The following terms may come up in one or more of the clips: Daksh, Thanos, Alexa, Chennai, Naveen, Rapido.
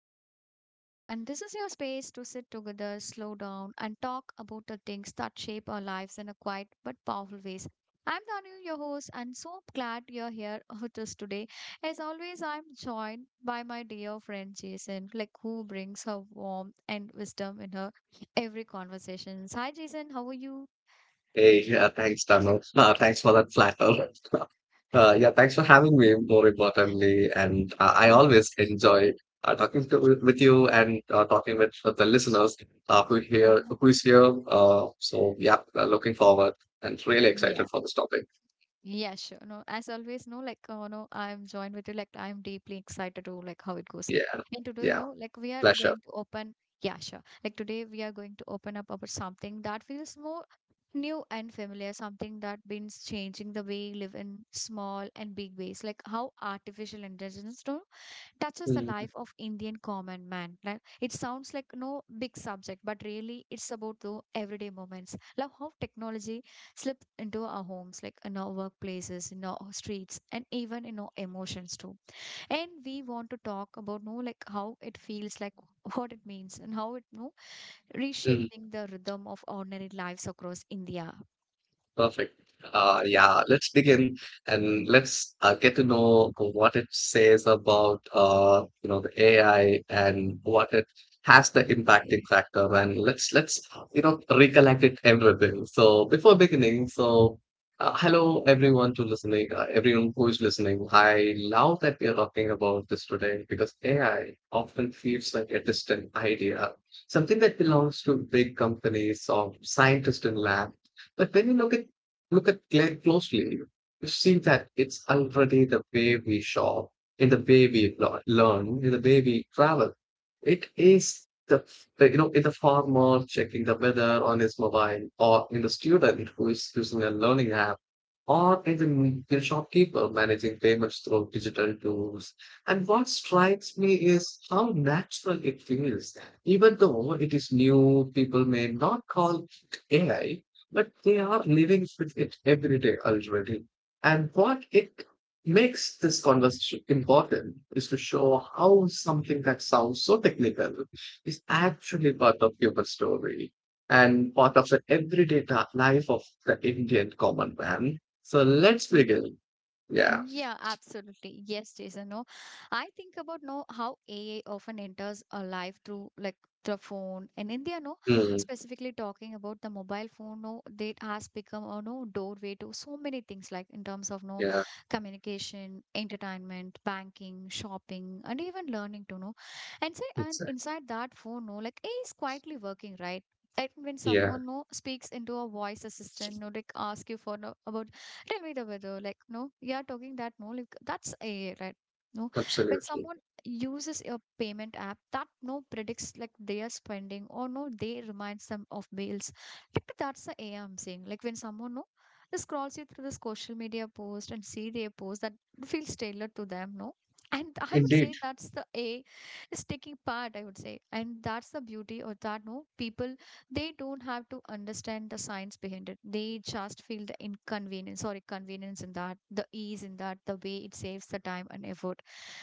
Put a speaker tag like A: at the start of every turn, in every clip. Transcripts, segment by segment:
A: podcast, The Inner Porch. And this is your space to sit together, slow down, and talk about the things that shape our lives in a quiet but powerful ways. I'm Danu, your host, and so glad you're here with us today. As always, I'm joined by my dear friend Jason, like who brings her warmth and wisdom in her every conversation. Hi, Jason. How are you?
B: Hey, yeah, thanks, Thanos. Thanks for that flatter. Yeah, Thanks for having me, more importantly. And
A: Y-
B: uh, I
A: y-
B: always enjoy talking to, with you and talking with the listeners who's here. Looking forward and really excited
A: Yeah,
B: for this topic.
A: Yeah, sure. No, as always, no, like, no, I'm joined with you. Like, I'm deeply excited to like how it goes.
B: Yeah,
A: And today, you
B: yeah,
A: know, like we are
B: pleasure.
A: going to yeah, sure. Like today, we are going to open up about something that feels more new and familiar, something that been changing the way we live in small and big ways, like how artificial intelligence no touches the life of Indian common man. Like it sounds like no big subject, but really it's about the everyday moments. Like how technology slips into our homes, like in our workplaces, in our streets, and even in our emotions too. And we want to talk about no like how it feels like what it means and how it no
B: Mhm.
A: reshaping the rhythm of ordinary lives across India.
B: Perfect. Yeah, let's begin and let's get to know what it says about the AI and what it has the impacting factor. And let's recollect it everything. So before beginning, so hello everyone to listening, everyone who is listening. I love that we are talking about this today because AI often feels like a distant idea, something that belongs to big companies or scientists in lab. But when you look at Claire closely, you see that it's already the way we shop, in the way we learn, in the way we travel. It is the like, you know in the farmer checking the weather on his mobile, or in the student who is using a learning app, or in the shopkeeper managing payments through digital tools. And what strikes me is how natural it feels. Even though it is new, people may not call it AI, but they are living with it every day already. And what it makes this conversation important is to show how something that sounds so technical is actually part of human story and part of the everyday life of the Indian common man. So let's begin. Yeah.
A: Yeah, absolutely. Yes, Jason. No, I think about no how AI often enters our life through like the phone. In India, no,
B: Mm,
A: specifically talking about the mobile phone, no, that has become a no doorway to so many things like in terms of no
B: yeah.
A: communication, entertainment, banking, shopping, and even learning to know. And say and
B: Exactly.
A: inside that phone, no, like AI is quietly working, right? Like when
B: Yeah.
A: someone no speaks into a voice assistant, no, like ask you for no, about tell me the weather. Like, no, you are talking that, no, like, that's AI, right? No, when
B: Absolutely.
A: someone uses a payment app, that no predicts like they are spending or no, they reminds them of bills. Like, that's the AI am saying. Like, when someone no, just scrolls you through the social media post and see their post that feels tailored to them, no. And I would
B: Indeed.
A: say that's the A is taking part, I would say. And that's the beauty or that no people they don't have to understand the science behind it, they just feel the inconvenience, sorry, convenience in that, the ease in that, the way it saves the time and effort.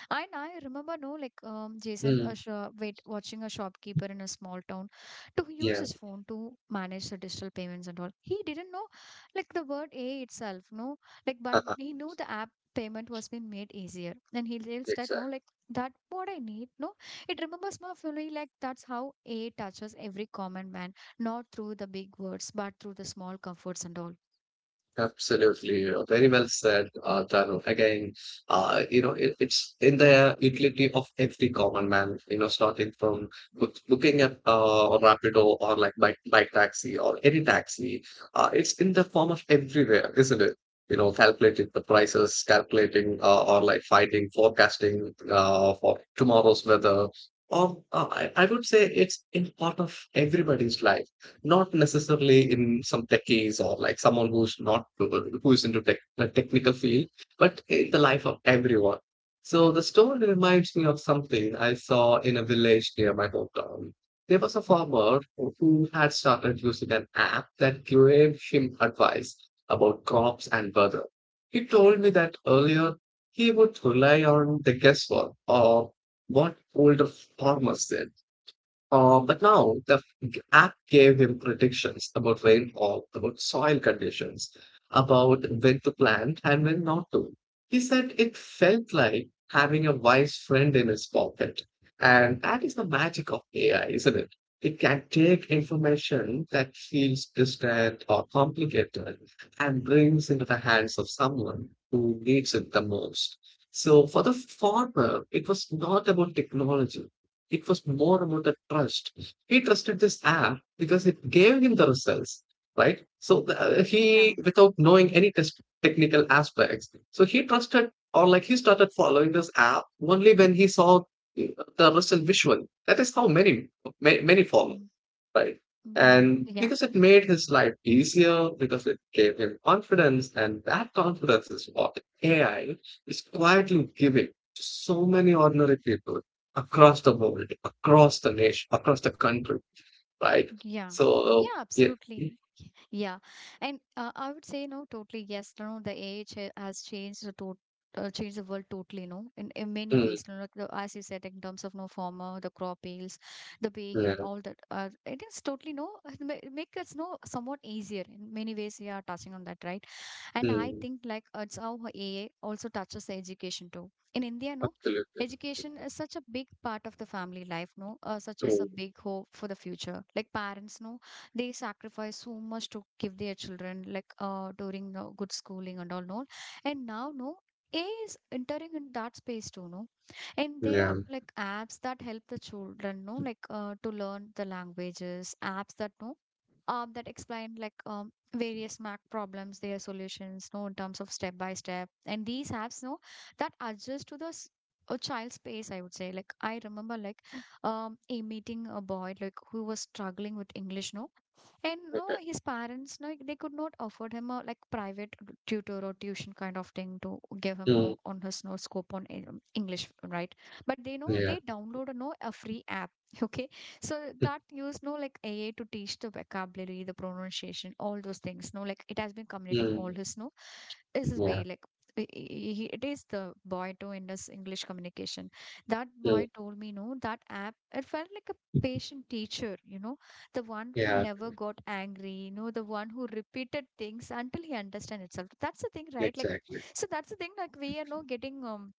A: And I remember, no, like Jason,
B: Mm,
A: watching a shopkeeper in a small town to use
B: yeah.
A: his phone to manage the digital payments and all. He didn't know, like the word A itself, no, like but
B: Uh-huh.
A: he knew the app payment was being made easier, and he realized that no,
B: Exactly.
A: like that what I need, no, it remembers more fully, like that's how A touches every common man, not through the big words, but through the small comforts and all.
B: Absolutely, very well said, Tarun. Again, it's in the utility of every common man, starting from booking at Rapido or like bike taxi or any taxi. It's in the form of everywhere, isn't it? You know, calculating the prices, calculating forecasting for tomorrow's weather. I would say it's in part of everybody's life, not necessarily in some techies or like someone who's not who is into tech the technical field, but in the life of everyone. So the story reminds me of something I saw in a village near my hometown. There was a farmer who had started using an app that gave him advice about crops and weather. He told me that earlier he would rely on the guesswork of what older farmers did. But now the app gave him predictions about rainfall, about soil conditions, about when to plant and when not to. He said it felt like having a wise friend in his pocket. And that is the magic of AI, isn't it? It can take information that feels distant or complicated and brings into the hands of someone who needs it the most. So for the farmer, it was not about technology, it was more about the trust. He trusted this app because it gave him the results, right? So
A: Yeah.
B: without knowing any test technical aspects, so he trusted or like he started following this app only when he saw the result visual. That is how many follow, right?
A: Mm-hmm.
B: And
A: Yeah.
B: because it made his life easier, because it gave him confidence, and that confidence is what AI is quietly giving to so many ordinary people across the world, across the nation, across the country, right?
A: Yeah.
B: So,
A: Yeah, absolutely. Yeah, and I would say no, totally yes. No, the age has changed the tot changed the world totally. No, in many
B: mm,
A: ways. No, like the, as you said, in terms of no farmer, the crop yields, the pay hit,
B: yeah,
A: all that. It is totally no. It make us no somewhat easier in many ways. We are touching on that, right? And I
B: mm,
A: think like it's how AA also touches education too in India, no,
B: absolutely.
A: education is such a big part of the family life, no, such as a
B: True.
A: big hope for the future, like parents, no, they sacrifice so much to give their children like during good schooling and all, no. And now no AI is entering in that space too, no? And there are
B: Yeah,
A: like apps that help the children, no, like to learn the languages, apps that no, that explain like various mac problems, their solutions, no, in terms of step by step, and these apps no that adjust to the a child's pace, I would say. Like I remember like a meeting a boy like who was struggling with English, no. And no,
B: okay.
A: his parents, no, they could not afford him a like private tutor or tuition kind of thing to give him no
B: Mm,
A: on his no scope on English, right? But they know
B: yeah,
A: they download no a free app, okay? So that use no like AI to teach the vocabulary, the pronunciation, all those things. No, like it has been communicating all
B: mm,
A: his no is his way,
B: yeah,
A: like he, it is the boy too in this English communication. That
B: mm,
A: boy told me no that app, it felt like a patient teacher, you know, the one who
B: yeah,
A: never got angry, you know, the one who repeated things until he understand itself. That's the thing, right? Like
B: exactly.
A: so that's the thing. Like we are now getting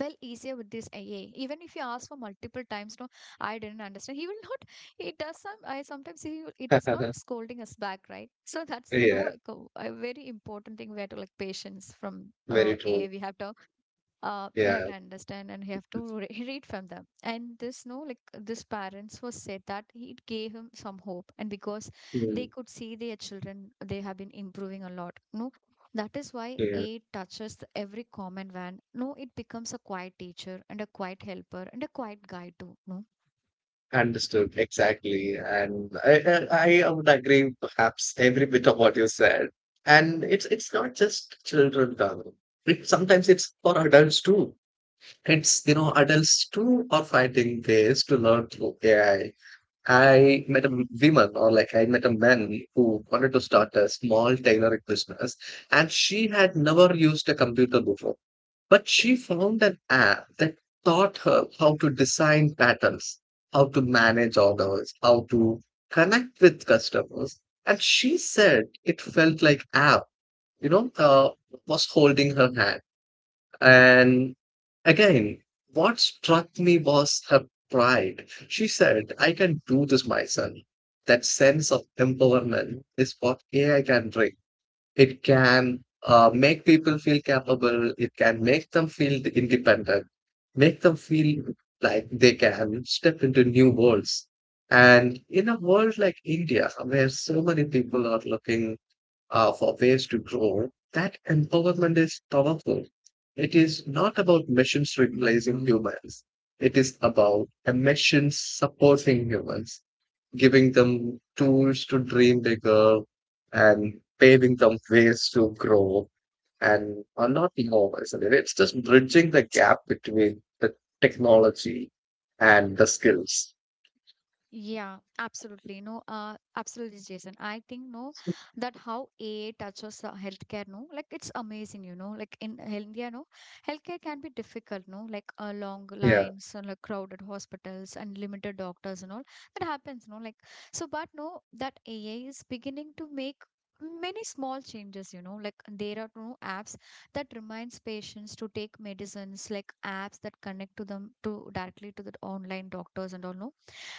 A: well easier with this AA. Even if you ask for multiple times, no, I didn't understand. He will not. He does some. I sometimes he it is not scolding us back, right? So that's the no
B: Yeah,
A: like a very important thing. We have to like patience from
B: very true.
A: AA. We have to you
B: Yeah,
A: have to understand and you have to read from them. And this no like this parents was said that it gave him some hope, and because they
B: mm,
A: could see their children they have been improving a lot, no. That is why
B: yeah.
A: it touches the every common van, no. It becomes a quiet teacher and a quiet helper and a quiet guide too, no.
B: Understood. Exactly. And I would agree perhaps every bit of what you said. And it's not just children, Dhaval. It sometimes it's for adults too. It's, you know, adults too are finding ways to learn through AI. I met a m- woman or like I met a man who wanted to start a small tailoring business, and she had never used a computer before. But she found an app that taught her how to design patterns, how to manage orders, how to connect with customers. And she said it felt like app, you know, uh, was holding her hand. And again, what struck me was her pride. She said, "I can do this myself." That sense of empowerment is what AI can bring. It can make people feel capable, it can make them feel independent, make them feel like they can step into new worlds. And in a world like India, where so many people are looking for ways to grow, that empowerment is powerful. It is not about machines replacing humans. It is about a machine supporting humans, giving them tools to dream bigger and paving them ways to grow and are not the hours. I mean, it's just bridging the gap between the technology and the skills.
A: Yeah, absolutely. No, absolutely, Jason. I think no, that how AI touches healthcare. No, like it's amazing. You know, like in India, no, healthcare can be difficult. No, like long
B: Yeah.
A: lines and like crowded hospitals and limited doctors and all that happens. No, like so, but no, that AI is beginning to make many small changes, you know, like there are no apps that reminds patients to take medicines, like apps that connect to them to directly to the online doctors and all, no.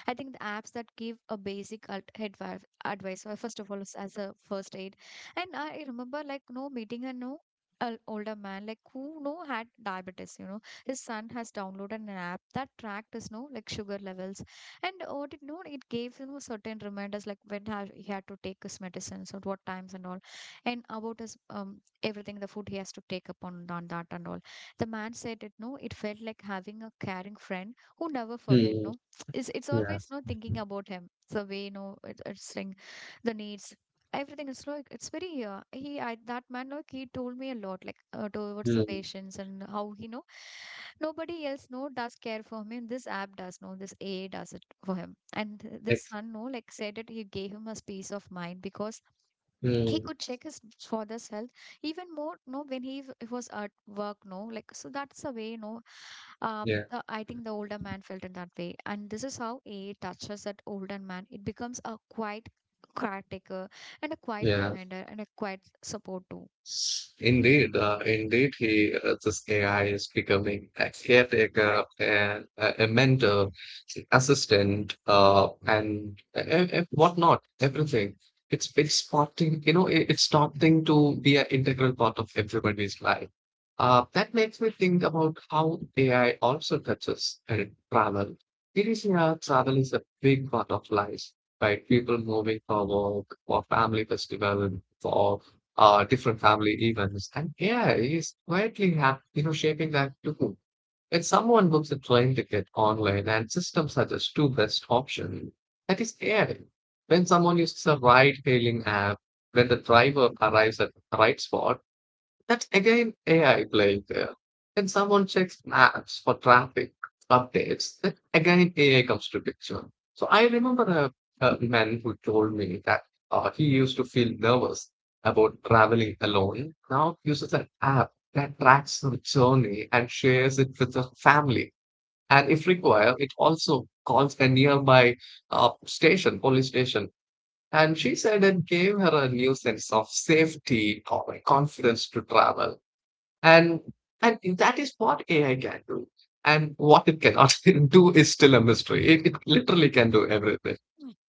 A: I think the apps that give a basic advice, first of all, is as a first aid. And I remember, like, no meeting and no an older man like who no had diabetes, you know. His son has downloaded an app that tracked his no like sugar levels, and what it know it gave him a certain reminders, like when he had to take his medicines at what times and all, and about his everything, the food he has to take upon on that and all. The man said it no it felt like having a caring friend who never forget,
B: Mm,
A: no. It's it's
B: yeah.
A: always no thinking about him the way no know it, it's like the needs, everything. It's like it's very he I, that man like he told me a lot like towards the
B: Mm,
A: patients, and how he know nobody else no does care for him, this app does no, this AA does it for him. And this
B: ex-
A: son no like said it he gave him a peace of mind because he
B: mm,
A: could check his father's health even more no when he was at work, no, like. So that's the way no
B: yeah.
A: the, I think the older man felt in that way. And this is how AA touches that older man. It becomes a quiet caretaker and a quiet
B: Yeah.
A: reminder and a quiet support too.
B: Indeed, indeed, he this AI is becoming a caretaker and a mentor, assistant, and whatnot, everything. It's starting, it's starting to be an integral part of everybody's life. That makes me think about how AI also touches travel. It is, yeah, travel is a big part of life, right? People moving for work, for family festival, for different family events. And yeah, is quietly shaping that too. When someone books a train ticket online and systems suggest two best options, that is AI. When someone uses a ride hailing app, when the driver arrives at the right spot, that's again AI playing there. When someone checks maps for traffic updates, then again AI comes to picture. So I remember a man who told me that he used to feel nervous about traveling alone. Now uses an app that tracks the journey and shares it with the family. And if required, it also calls a nearby police station, and she said it gave her a new sense of safety or confidence to travel. And that is what AI can do. And what it cannot do is still a mystery. It literally can do everything.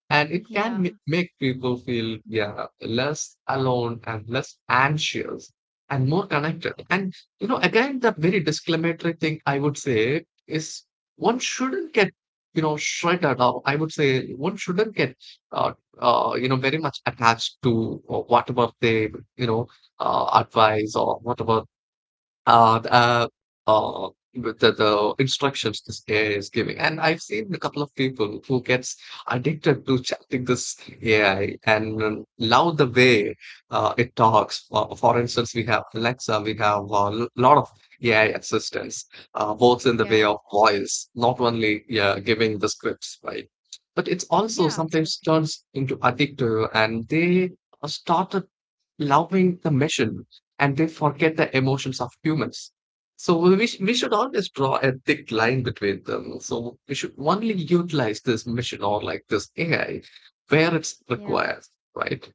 B: And it can
A: Yeah.
B: make people feel, yeah, less alone and less anxious and more connected. And, you know, again, the very disclaimatory thing I would say is one shouldn't get, you know, shredded, or I would say one shouldn't get, uh, very much attached to whatever they, you know, advice or whatever uh, uh, uh, with the instructions this AI is giving. And I've seen a couple of people who gets addicted to chatting this AI and love the way it talks. For instance, we have Alexa, we have a lot of AI assistants, both in the way
A: Yeah.
B: of voice, not only yeah, giving the scripts, right? But it's also
A: Yeah,
B: sometimes
A: absolutely.
B: turns into addictive and they started loving the mission and they forget the emotions of humans. So we should always draw a thick line between them. So we should only utilize this mission or like this AI where it's
A: Yeah.
B: required, right?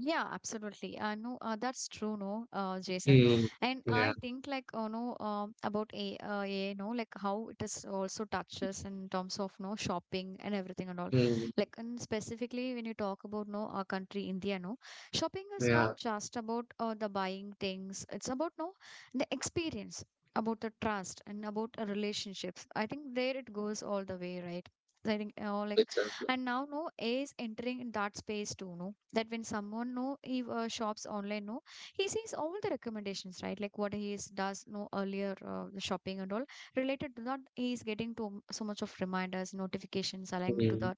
A: Yeah, absolutely. No, that's true, no, Jason.
B: Mm,
A: And
B: yeah,
A: I think like, oh no, about AI, no, like how it is also touches in terms of no shopping and everything and all.
B: mm,
A: Like, and specifically when you talk about no our country India, no, shopping is
B: yeah,
A: not just about the buying things. It's about no the experience, about the trust, and about relationships. I think there it goes all the way, right? So I think, oh like
B: exactly.
A: and now no AI is entering in that space too, no, that when someone no he shops online, no, he sees all the recommendations, right? Like what he is does no earlier, the shopping and all related to that he is getting to mm, so much of reminders, notifications aligning to
B: Mm,
A: the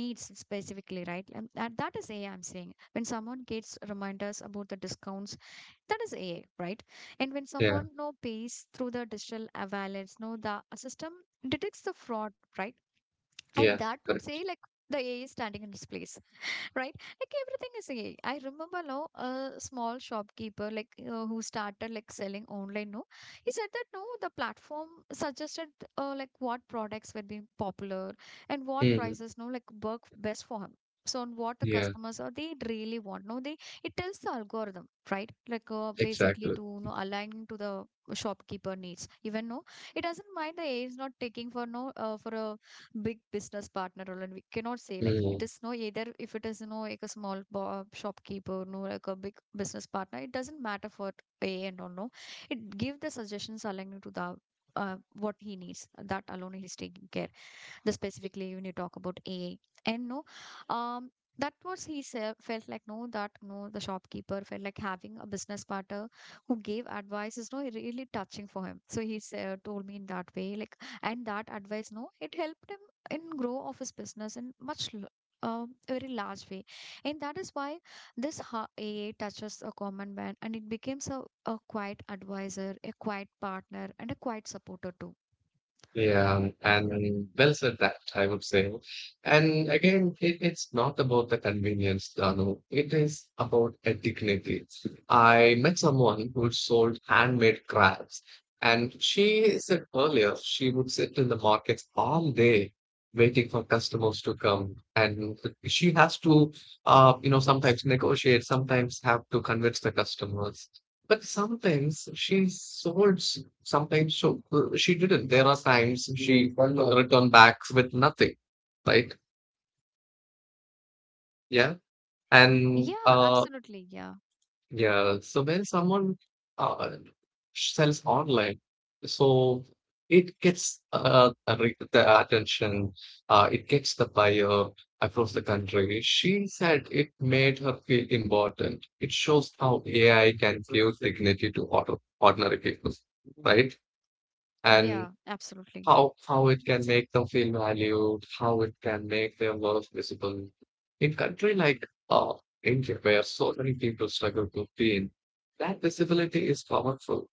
A: needs specifically, right? And that, that is AI I'm saying. When someone gets reminders about the discounts, that is AI, right? And when
B: yeah,
A: someone no pays through the digital wallets no the system detects the fraud, right? And
B: yeah,
A: that would say
B: correct.
A: like the AI standing in its place, right? Like everything is AI. Remember now a small shopkeeper like who started like selling online. No, he said that no, the platform suggested like what products were being popular and what
B: Mm,
A: prices no like work best for him. So on what the
B: yeah,
A: customers or they really want. No, they it tells the algorithm, right? Like basically
B: exactly.
A: to you know align to the shopkeeper needs. Even no, it doesn't mind the AI is not taking for no for a big business partner role, and we cannot say like it
B: Mm.
A: is no either. If it is you know like a small shopkeeper no like a big business partner, it doesn't matter for a and all no. It give the suggestions aligned to the what he needs, that alone he's taking care, the specifically when you talk about AI. And no um that was he felt like no that no the shopkeeper felt like having a business partner who gave advice is no really touching for him, so he told me in that way like. And that advice no, it helped him in grow of his business in much very large way. And that is why this ha- aa touches a common man, and it becomes a quiet advisor, a quiet partner, and a quiet supporter too.
B: Yeah, and well said that, I would say. And again, it's not about the convenience, Danu. It is about a dignity. I met someone who sold handmade crafts, and she said earlier she would sit in the markets all day waiting for customers to come. And she has to, sometimes negotiate, sometimes have to convince the customers. But sometimes she didn't. There are times she returned back with nothing, right? Yeah, and
A: Yeah,
B: uh,
A: absolutely. Yeah.
B: yeah. So when someone uh, sells online, so it gets the attention. It gets the buyer across the country. She said it made her feel important. It shows how AI can give dignity to ordinary people, right? And
A: Yeah, absolutely.
B: how it can make them feel valued, how it can make their work visible. In country like India, where so many people struggle to gain, that visibility is powerful.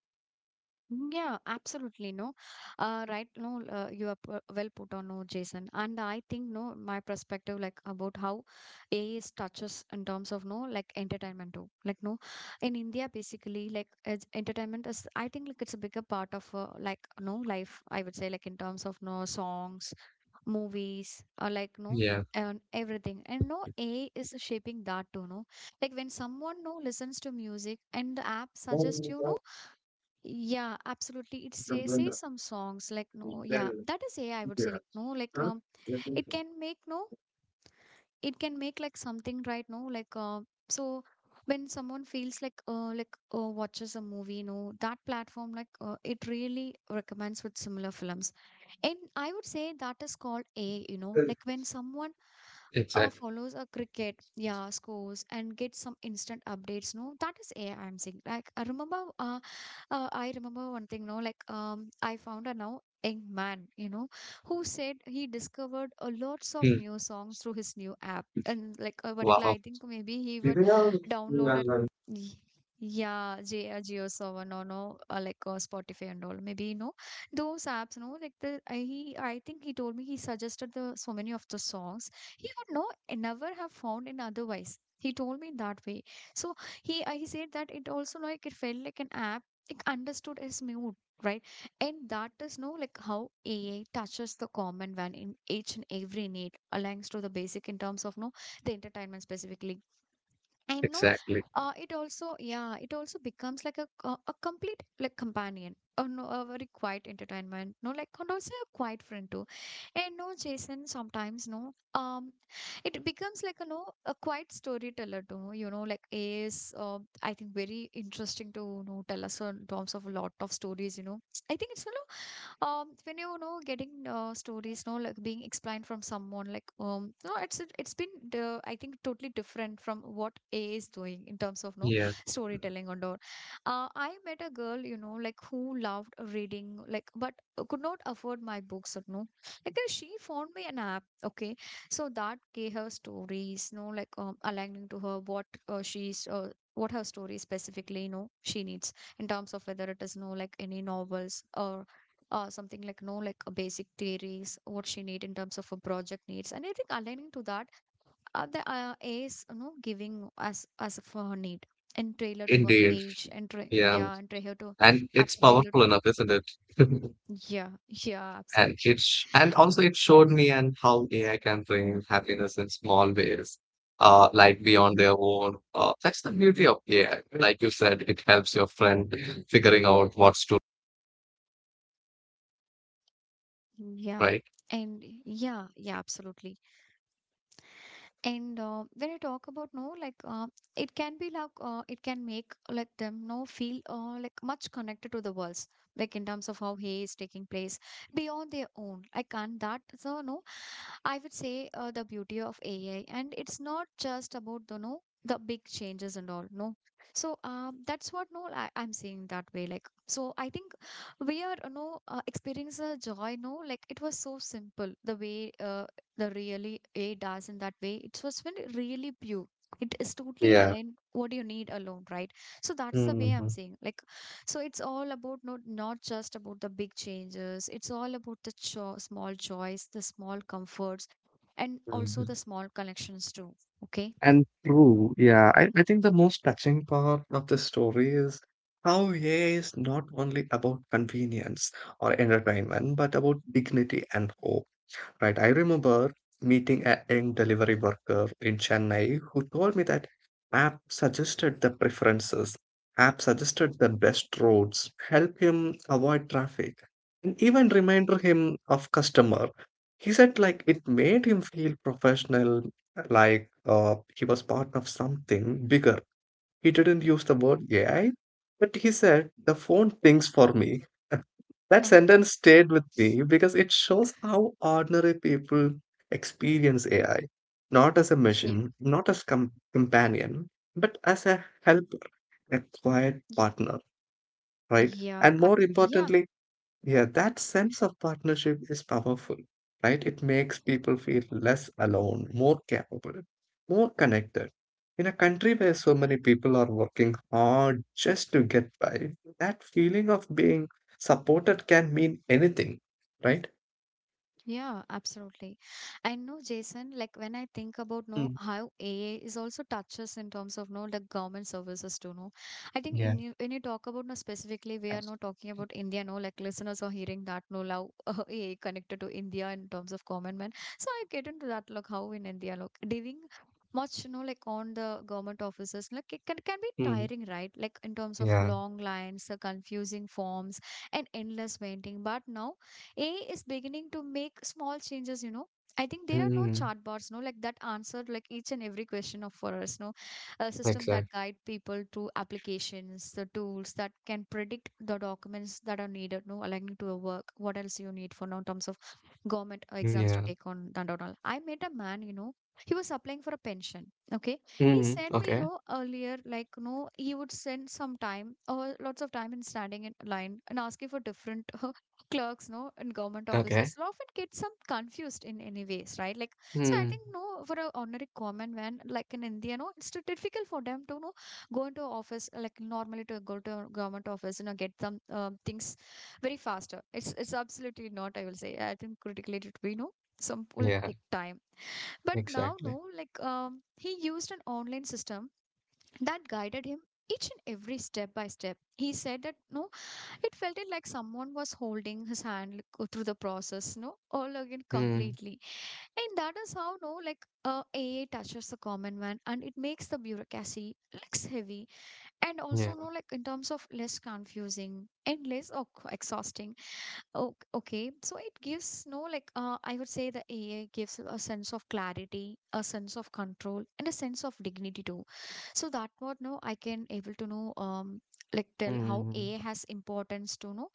A: Yeah, absolutely. No, right. No, you are well put on. No, Jason, and I think no, my perspective like about how AI is touches in terms of no, like entertainment too. Like no, in India, basically, like as entertainment is. I think like it's a bigger part of like no life. I would say like in terms of no songs, movies, or like no.
B: Yeah.
A: And everything and no AI is shaping that too, no. Like when someone no listens to music and the app suggests you no, yeah, absolutely. It's say some songs like no, yeah, that is AI. I would say like no, like it can make no, it can make like something right now like so when someone feels like watches a movie, you know that platform like it really recommends with similar films. And I would say that is called AI, you know like when someone
B: Exactly.
A: follows a cricket, yeah, scores and gets some instant updates, no, that is AI I'm saying. Like I remember I remember one thing no like I found a now young man, you know, who said he discovered a lots of
B: Hmm.
A: new songs through his new app, and like a particular
B: Wow.
A: I think maybe he would download a y- geo seven or no like spotify and all maybe, you know, those apps no? Like the I, he, I think he told me he suggested the so many of the songs he would know and never have found in otherwise, he told me that way. So he said that it also like, it felt like an app, it understood his mood, right? And that is no like how AI touches the common one in each and every need, aligns to the basic in terms of no, the entertainment specifically. And no,
B: Exactly.
A: it also, yeah, it also becomes like a a complete like companion. Or no, a very quiet entertainment. No, like, and also a quiet friend too. And no, Jason, sometimes no. It becomes like a no, a quiet storyteller to know. You know, like AI is I think very interesting to you know tell us in terms of a lot of stories. You know, I think it's a when you know getting stories no like being explained from someone like no, it's been I think totally different from what a is doing in terms of no
B: Yeah.
A: storytelling and all. I met a girl, you know, like, who loved reading like, but could not afford my books or no, like she found me an app. Okay, so that gave her stories no like aligning to her what she's what her story specifically, you know, she needs in terms of whether it is no like any novels or something like no like basic theories what she need in terms of a project needs. And I think aligning to that the is you know giving as for her need, and trailer to her
B: Indeed.
A: age, and
B: Yeah.
A: yeah, and trailer to
B: And
A: up
B: it's
A: trailer
B: powerful
A: to.
B: enough, isn't it?
A: Yeah. Yeah,
B: And
A: absolutely.
B: it showed me and how AI can bring happiness in small ways, like
A: Mm,
B: beyond their own. That's the beauty of AI. Like you said, it helps your friend figuring out what's to,
A: yeah,
B: right.
A: and yeah, yeah, absolutely. And when you talk about no, like it can be like it can make like them no feel like much connected to the worlds, like in terms of how he is taking place beyond their own. Like and that so no, I would say the beauty of AI, and it's not just about the no, the big changes and all no. So that's what no I, I'm seeing that way. Like, so I think we are no experience a joy. No, like it was so simple, the way the really aid us in that way. It was when it really pure. It is totally
B: Yeah.
A: aligned what you need alone, right? So that's the way I'm
B: Mhm,
A: saying. Like, so it's all about not just about the big changes. It's all about the small joys, the small comforts, and also
B: mhm.
A: the small connections too. Okay.
B: And true, yeah. I think the most touching part of the story is how AI is not only about convenience or entertainment, but about dignity and hope. Right. I remember meeting a young delivery worker in Chennai who told me that app suggested the preferences, app suggested the best roads, help him avoid traffic, and even reminded him of customer. He said it made him feel professional, like he was part of something bigger. He didn't use the word AI, but he said the phone thinks for me. That
A: Oh,
B: sentence stayed with me because it shows how ordinary people experience AI, not as a
A: yeah.
B: machine, not as companion, but as a helper, a quiet partner, right?
A: Yeah,
B: And more
A: yeah.
B: importantly, yeah, that sense of partnership is powerful, right? It makes people feel less alone, more capable, more connected. In a country where so many people are working hard just to get by, that feeling of being supported can mean anything, right?
A: Yeah, absolutely. I know, Jason, like when I think about no
B: Mm,
A: how AA is also touches in terms of no like government services too, no. I think
B: yeah.
A: in you when you talk about no specifically, we are not talking about India, no, like listeners are hearing that no love AA connected to India in terms of government. So I get into that like how in India like dealing much, you know, like on the government offices, like it can be
B: Mm,
A: tiring, right? Like in terms of
B: yeah.
A: long lines, the confusing forms, and endless waiting. But now AI is beginning to make small changes, you know. I think there are no
B: Mm,
A: chart bars, no, like that answer like each and every question of for us, no, a system
B: exactly.
A: that guide people to applications, the tools that can predict the documents that are needed, no, aligning to a work, what else you need for now in terms of government exams to
B: Yeah.
A: take on that and all. I met a man, you know, he was applying for a pension. Okay, he
B: Mm,
A: sent me, you
B: okay.
A: know, earlier like no, he would send some time or lots of time in standing in line and asking for different clerks no in government
B: Okay.
A: offices, will often get some confused in any ways, right? Like, so I
B: Mm,
A: think no, for a ordinary common man like in India no, it's too difficult for them to know go into office like normally, to go to a government office you know get some things very faster, it's absolutely not, I will say, I think critically it we know some will
B: yeah.
A: take time. But now no
B: Exactly.
A: like he used an online system that guided him each and every step by step. He said that no it felt it like someone was holding his hand like, go through the process, no, all again
B: Mm,
A: completely. And that is how, no, like AA touches the common man, and it makes the bureaucracy less heavy, and also,
B: yeah.
A: no, like in terms of less confusing and less, oh, exhausting. Oh, okay. So it gives no like I would say the AI gives a sense of clarity, a sense of control, and a sense of dignity too. So that what no I can able to know like tell how
B: Mm,
A: AI has importance to know.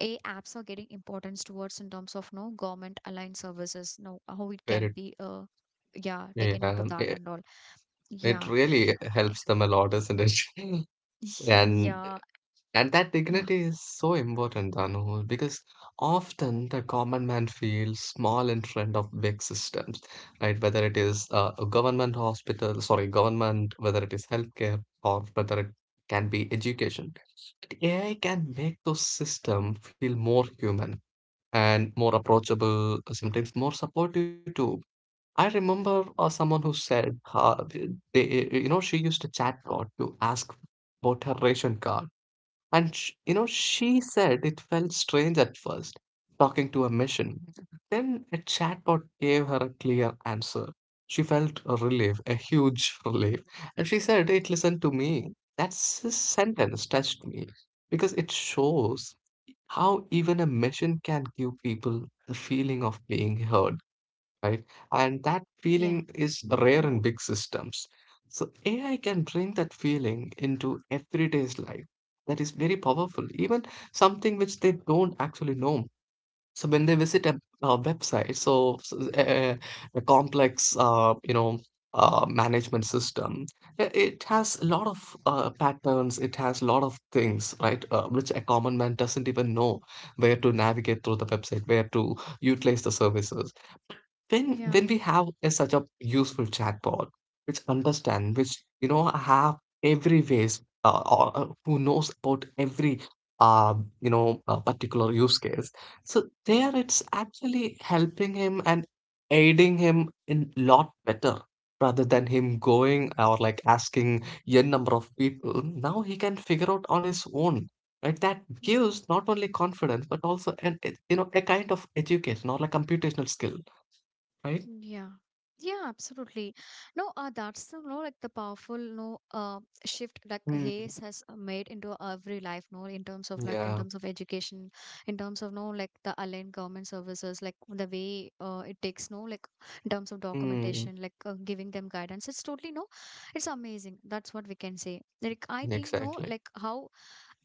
A: AI apps are getting importance towards in terms of no government aligned services, no, how it can
B: very.
A: be uh, yeah, taken into that
B: Yeah.
A: and all.
B: It
A: Yeah.
B: really helps them a lot, isn't it? And
A: Yeah.
B: and that
A: Yeah.
B: dignity is so important, Danu, because often the common man feels small in front of big systems, right? Whether it is a government hospital, sorry, government, whether it is healthcare, or whether it can be education. But AI can make those systems feel more human and more approachable, sometimes more supportive too. I remember someone who said, th- they, eh, you know, she used a chatbot to ask about her ration card. And, sh you know, she said it felt strange at first, talking to a machine. Then a chatbot gave her a clear answer. She felt a relief, a huge relief. And she said, it listened to me. That sentence touched me because it shows how even a machine can give people the feeling of being heard, right? And that
A: Yeah.
B: feeling is rare in big systems. So AI can bring that feeling into everyday's life. That is very powerful, even something which they don't actually know. So when they visit a, website, a complex, management system, it has a lot of patterns. It has a lot of things, right? Which a common man doesn't even know where to navigate through the website, where to utilize the services when
A: Yeah.
B: we have a, such a useful chatbot which understand, which you know, have every ways, who knows about every uh, particular use case. So there it's actually helping him and aiding him in lot better, rather than him going or like asking n number of people. Now he can figure out on his own, right? That gives not only confidence but also an, you know, a kind of education or like computational skill, right?
A: Yeah. Yeah, absolutely. No, that's you know, like the powerful no shift like
B: Hmm.
A: Hayes has made into every life, no, in terms of like in
B: Yeah.
A: terms of education, in terms of no like the aligned government services, like the way it takes no like in terms of
B: Hmm.
A: documentation, like giving them guidance. It's totally no it's amazing. That's what we can say. Like, I think, no,
B: Exactly.
A: like how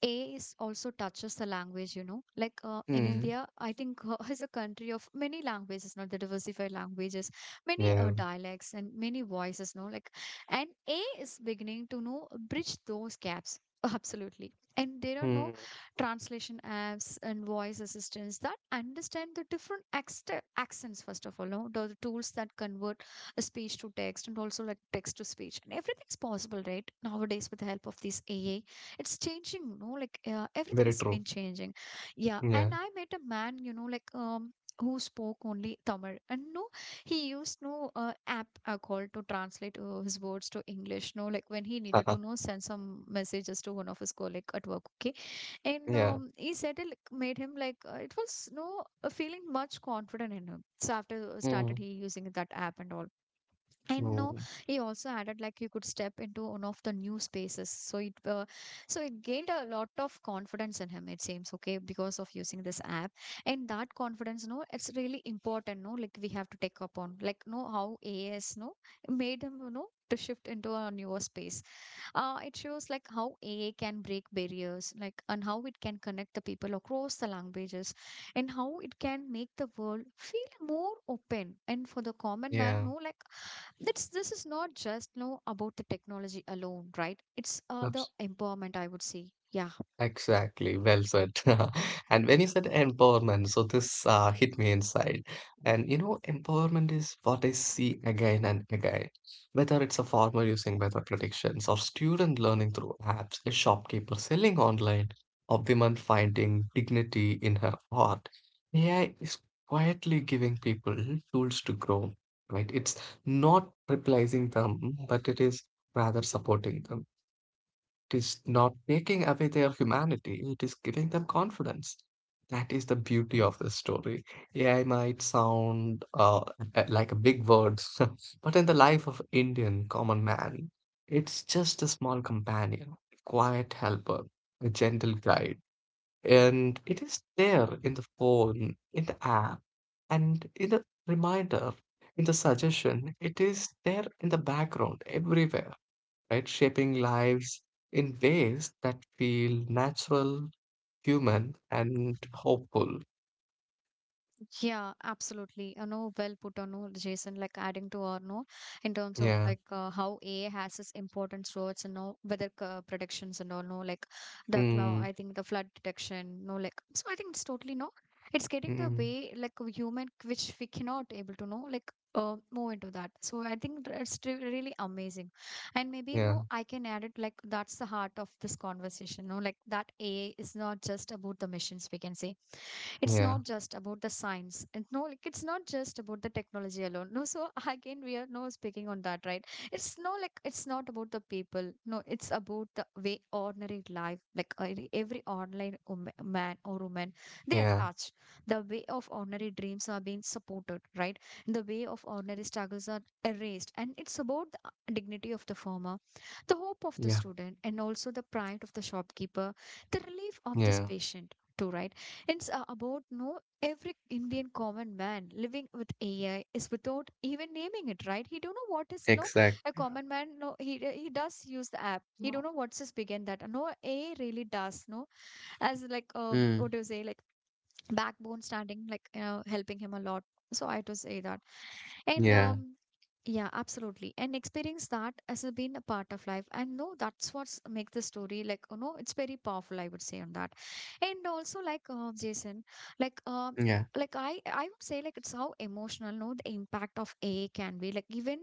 A: A is also touches the language, you know. Like in
B: Hmm.
A: India, I think is a country of many languages, not the diversified languages, many
B: Yeah.
A: dialects and many voices, no. Like, and A is beginning to know bridge those gaps. Absolutely. And there are no
B: Hmm.
A: translation apps and voice assistants that understand the different accents, first of all, no? The tools that convert speech to text and also like text to speech and everything is possible right nowadays with the help of this ai it's changing you know like everything
B: Very
A: has
B: true.
A: been changing. Yeah,
B: Yeah.
A: and I met a man you know like who spoke only tamil and no he used no app called to translate his words to english no like when he needed to know send some messages to one of his colleague at work. Okay, and
B: Yeah.
A: he said it like, made him like it was no feeling much confident in him so after
B: Hmm.
A: started he using that app and all. And no
B: Mm,
A: he also added like he could step into one of the new spaces so it gained a lot of confidence in him it seems, okay, because of using this app. And that confidence no it's really important no like we have to take up on like no how as no made him you know to shift into a newer space. It shows like how ai can break barriers like and how it can connect the people across the languages and how it can make the world feel more open and for the common man
B: yeah.
A: no like that's, this is not just know about the technology alone, right? It's the
B: Absolutely.
A: empowerment, I would say. Yeah.
B: Exactly, well said. And when you said empowerment, so this hit me inside. And you know, empowerment is what I see again and again. Whether it's a farmer using weather predictions, or student learning through apps, a shopkeeper selling online, or women finding dignity in her art, AI is quietly giving people tools to grow, right? It's not replacing them, but it is rather supporting them. It is not taking away their humanity, it is giving them confidence. That is the beauty of this story. AI might sound like a big word, but in the life of Indian common man, it's just a small companion, a quiet helper, a gentle guide. And it is there in the phone, in the app, and in the reminder, in the suggestion. It is there in the background, everywhere, right? Shaping lives in ways that feel natural, human, and hopeful.
A: Yeah, absolutely. You know, well put on, no, Jason, like adding to or no, in terms of
B: Yeah.
A: like how AI has its importance towards, you know, weather predictions and all, no, like the cloud,
B: Mm,
A: I think the flood detection, no, like, so I think it's totally, no, it's getting the
B: mm,
A: way like we human, which we cannot able to know, like, move into that. So I think it's really amazing. And maybe,
B: yeah.
A: no, I can add it like that's the heart of this conversation, no, like that AI is not just about the missions, we can say it's
B: Yeah.
A: not just about the science and no like it's not just about the technology alone no so again we are no speaking on that right. It's no like it's not about the people no it's about the way ordinary life like every online man or woman they are
B: Yeah.
A: touched, the way of ordinary dreams are being supported right, the way of ordinary struggles are erased and it's about the dignity of the farmer, the hope of the
B: Yeah.
A: student and also the pride of the shopkeeper, the relief of this
B: Yeah.
A: patient too right. It's about no every Indian common man living with AI is without even naming it, right? He don't know what is no a
B: Exactly.
A: common man. No, he does use the app. He don't know what's his big and that. No, AI really does. No, as
B: Mm,
A: what do you say? Like backbone standing, like you know, helping him a lot. So I to say that, and
B: yeah.
A: yeah, absolutely. And experience that as a being a part of life. And no, that's what's make the story like, you know, it's very powerful, I would say on that. And also like Jason, like uh,
B: Yeah.
A: like I would say like it's how emotional, no, the impact of AI can be. Like even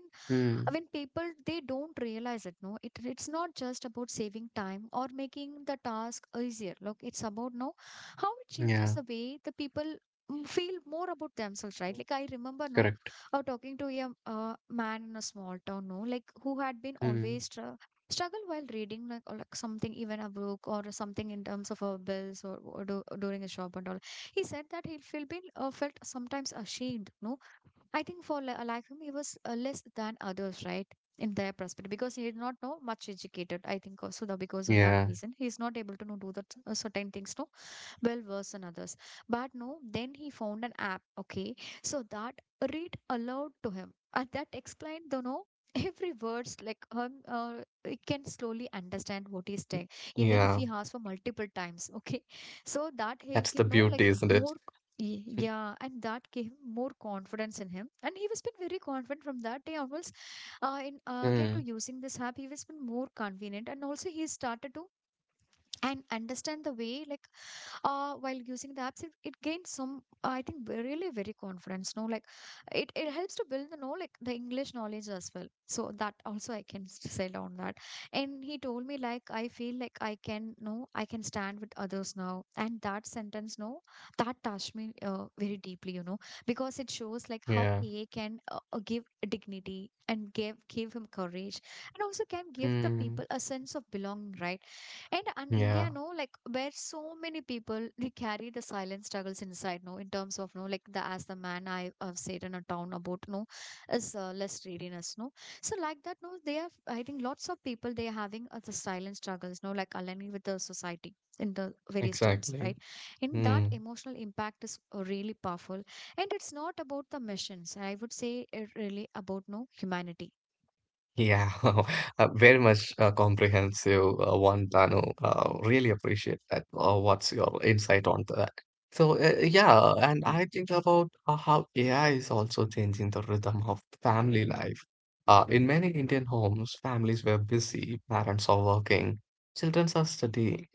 A: I
B: Mm,
A: mean, people they don't realize it. No, it's not just about saving time or making the task easier. Look, it's about no how it changes
B: yeah.
A: the way the people mm, feel more about themselves, right? Like I remember, no,
B: Correct.
A: talking to a man in a small town, no, like who had been
B: Mm,
A: always struggle while reading like, or, like something even a book or something in terms of bills or do, during a shop and all. He said that he feel been felt sometimes ashamed, no I think for like him, he was less than others, right? In their perspective, because he did not know much educated, I think also the, because of that
B: yeah.
A: reason, he is not able to know do that certain things, no well worse than others. But no, then he found an app, okay, so that read aloud to him. And that explained, the no. Every words like him, he can slowly understand what he's saying,
B: Yeah.
A: even if he asks for multiple times, okay. So that
B: That's the
A: gave him,
B: beauty,
A: no, like
B: isn't it?
A: more.
B: Mm.
A: Yeah, and that gave him more confidence in him, and he was been very confident from that day onwards. In
B: Mm,
A: again to using this app, he was been more convenient, and also he started to and understand the way like while using the apps it gains some I think really very confidence no like, it helps to build the know like the english knowledge as well so that also I can say on that. And he told me like I feel like I can no I can stand with others now and that sentence no that touched me very deeply you know because it shows like how
B: yeah.
A: ea can give dignity and give him courage and also can give the
B: Mm,
A: people a sense of belonging right. And in
B: yeah.
A: India, no, like where so many people they carry the silent struggles inside, no, in terms of no, like the as the man I have said in a town about no, is less readiness, no. So like that, no, they have. I think lots of people they are having the silent struggles, no, like aligning with the society in the various terms,
B: Exactly.
A: right? And that
B: Mm.
A: emotional impact is really powerful, and it's not about the missions. I would say it really about no humanity.
B: Yeah, very much comprehensive one, Banu. Really appreciate that. What's your insight on that? So, yeah, and I think about how AI is also changing the rhythm of family life. In many Indian homes, families were busy, parents are working, children are studying,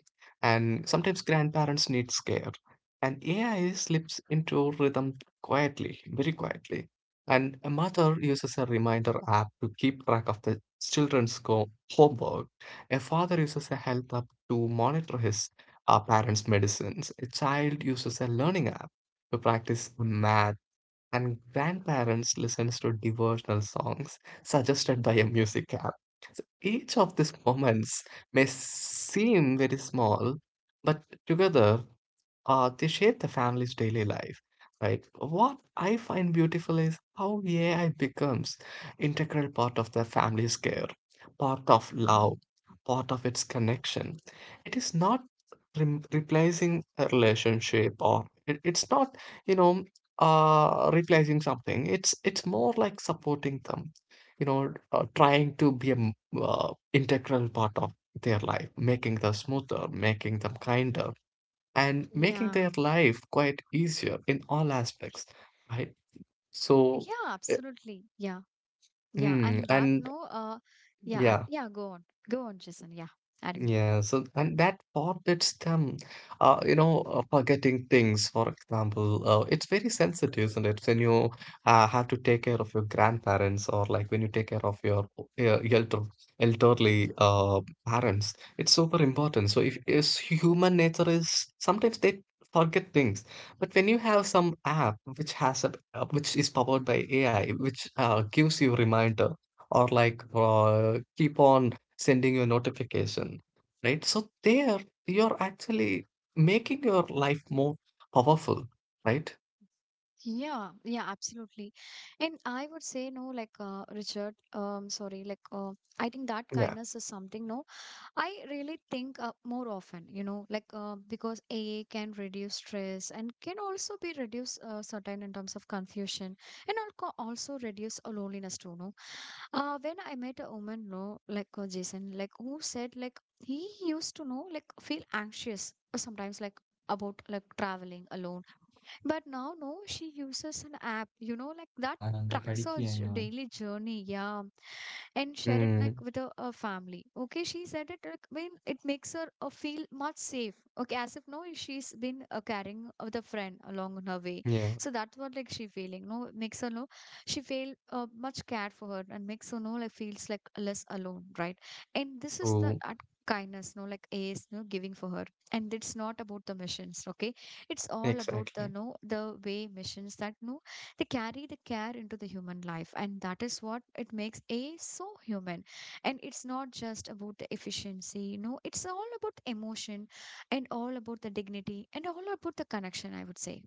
B: and sometimes grandparents need care. And AI slips into rhythm quietly, very quietly. And a mother uses a reminder app to keep track of the children's homework. A father uses a health app to monitor his parents' medicines. A child uses a learning app to practice math. And grandparents listens to devotional songs suggested by a music app. Each of these moments may seem very small, but together they shape the family's daily life, right? What I find beautiful is how AI becomes integral part of the family's care, part of love, part of its connection. It is not rem replacing a relationship, or it, it's not, you know, replacing something. It's more like supporting them, you know, trying to be an integral part of their life, making them smoother, making them kinder and making
A: Yeah.
B: their life quite easier in all aspects, right? So,
A: Yeah,
B: uh,
A: absolutely. Yeah. Yeah,
B: mm,
A: and that
B: and
A: no, yeah,
B: yeah.
A: yeah, go on, go on, Jason. Yeah, adding.
B: Yeah, so and that forbids them, forgetting things. For example, it's very sensitive, isn't it? When you have to take care of your grandparents, or like when you take care of your elderly parents, it's super important. So if is human nature is sometimes they forget things, but when you have some app which has a which is powered by AI, which gives you reminder or like keep on sending you a notification, right? So there you're actually making your life more powerful, right?
A: Yeah, yeah, absolutely. And I would say no, like Richard, sorry, like I think that
B: Yeah.
A: kindness is something no, I really think more often, you know, like because a A can reduce stress and can also be reduce certain in terms of confusion and also reduce loneliness too, no. When I met a woman, no, like Jason, like who said like he used to know like feel anxious sometimes like about like traveling alone but now, no, she uses an app, you know, like that tracks her daily journey. Yeah. And share it
B: Mm,
A: like with her, her family. Okay. She said it like, when it makes her feel much safe. Okay. As if, no, she's been carrying with a friend along on her way.
B: yeah.
A: So that's what like she feeling, no, it makes her know she feel much cared for her and makes her know like feels like less alone. Right. And this is the,
B: True.
A: kindness no like is no giving for her and it's not about the missions, okay, it's all about the
B: Exactly.
A: no the way missions that no they carry the care into the human life and that is what it makes a so human. And it's not just about the efficiency you know it's all about emotion and all about the dignity and all about the connection I would say.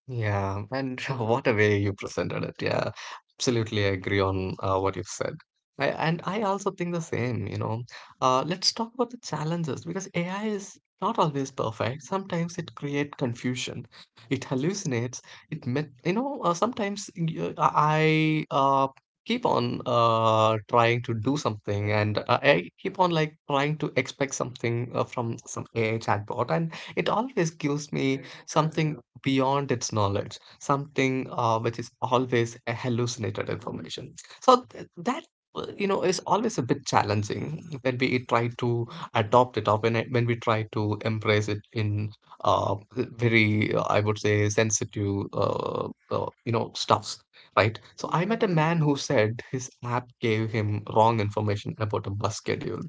B: Yeah, and what a way you presented it. Yeah, absolutely agree on what you've said. I also think the same, you know. Let's talk about the challenges because AI is not always perfect. Sometimes it creates confusion, it hallucinates, it met, you know, sometimes y- I keep on trying to do something and I keep on like trying to expect something from some AI chatbot and it always gives me something beyond its knowledge, something which is always a hallucinated information. So that is always a bit challenging when we try to adopt it or when we try to embrace it in very I would say sensitive stuffs. Right. So I met a man who said his app gave him wrong information about a bus schedule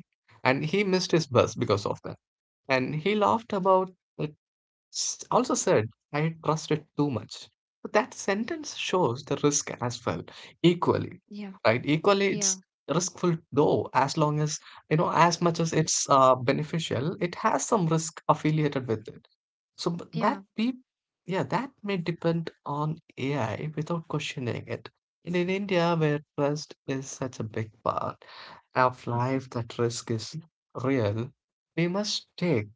B: and he missed his bus because of that. And he laughed about, also said, I trust it too much. But that sentence shows the risk as well, equally,
A: Yeah.
B: right? Equally,
A: Yeah,
B: it's riskful though, as long as, you know, as much as it's beneficial, it has some risk affiliated with it. So
A: yeah.
B: yeah, that may depend on AI without questioning it. And in India, where trust is such a big part of life, that risk is real. We must take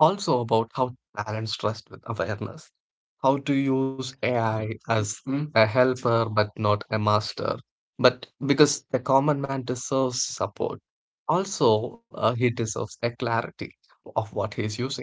B: also about how to balance trust with awareness. How to use AI as, a helper but not a master. But because the common man deserves support, also he deserves a clarity of what he is using.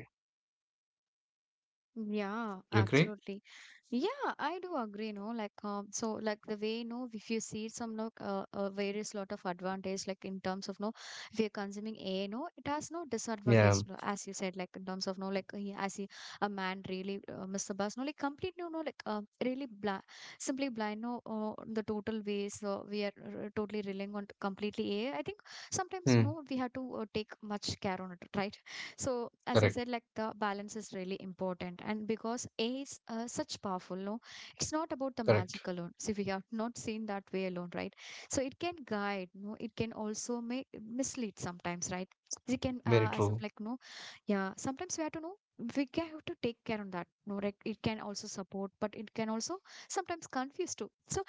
B: You
A: Yeah,
B: agree?
A: absolutely. Yeah, I do agree, no, like so like the way no, if you see some no various lot of advantage like in terms of no if you're consuming AI, no, it has no
B: Yeah.
A: disadvantage no, as you said like in terms of no like he, as he, a man really miss the bus no like completely no no, like really blind simply blind no the total ways so we are totally relying on completely A. I think sometimes
B: Hmm.
A: no we have to take much care on it, right? So as you
B: Correct.
A: said, like the balance is really important, and because A is such powerful no, it's not about the
B: Correct.
A: magic alone, so we have not seen that way alone, right? So it can guide no, it can also make mislead sometimes, right? It can
B: Very
A: as
B: true.
A: of like no, yeah, sometimes we have to know, we can have to take care on that no, like it can also support but it can also sometimes confuse too. So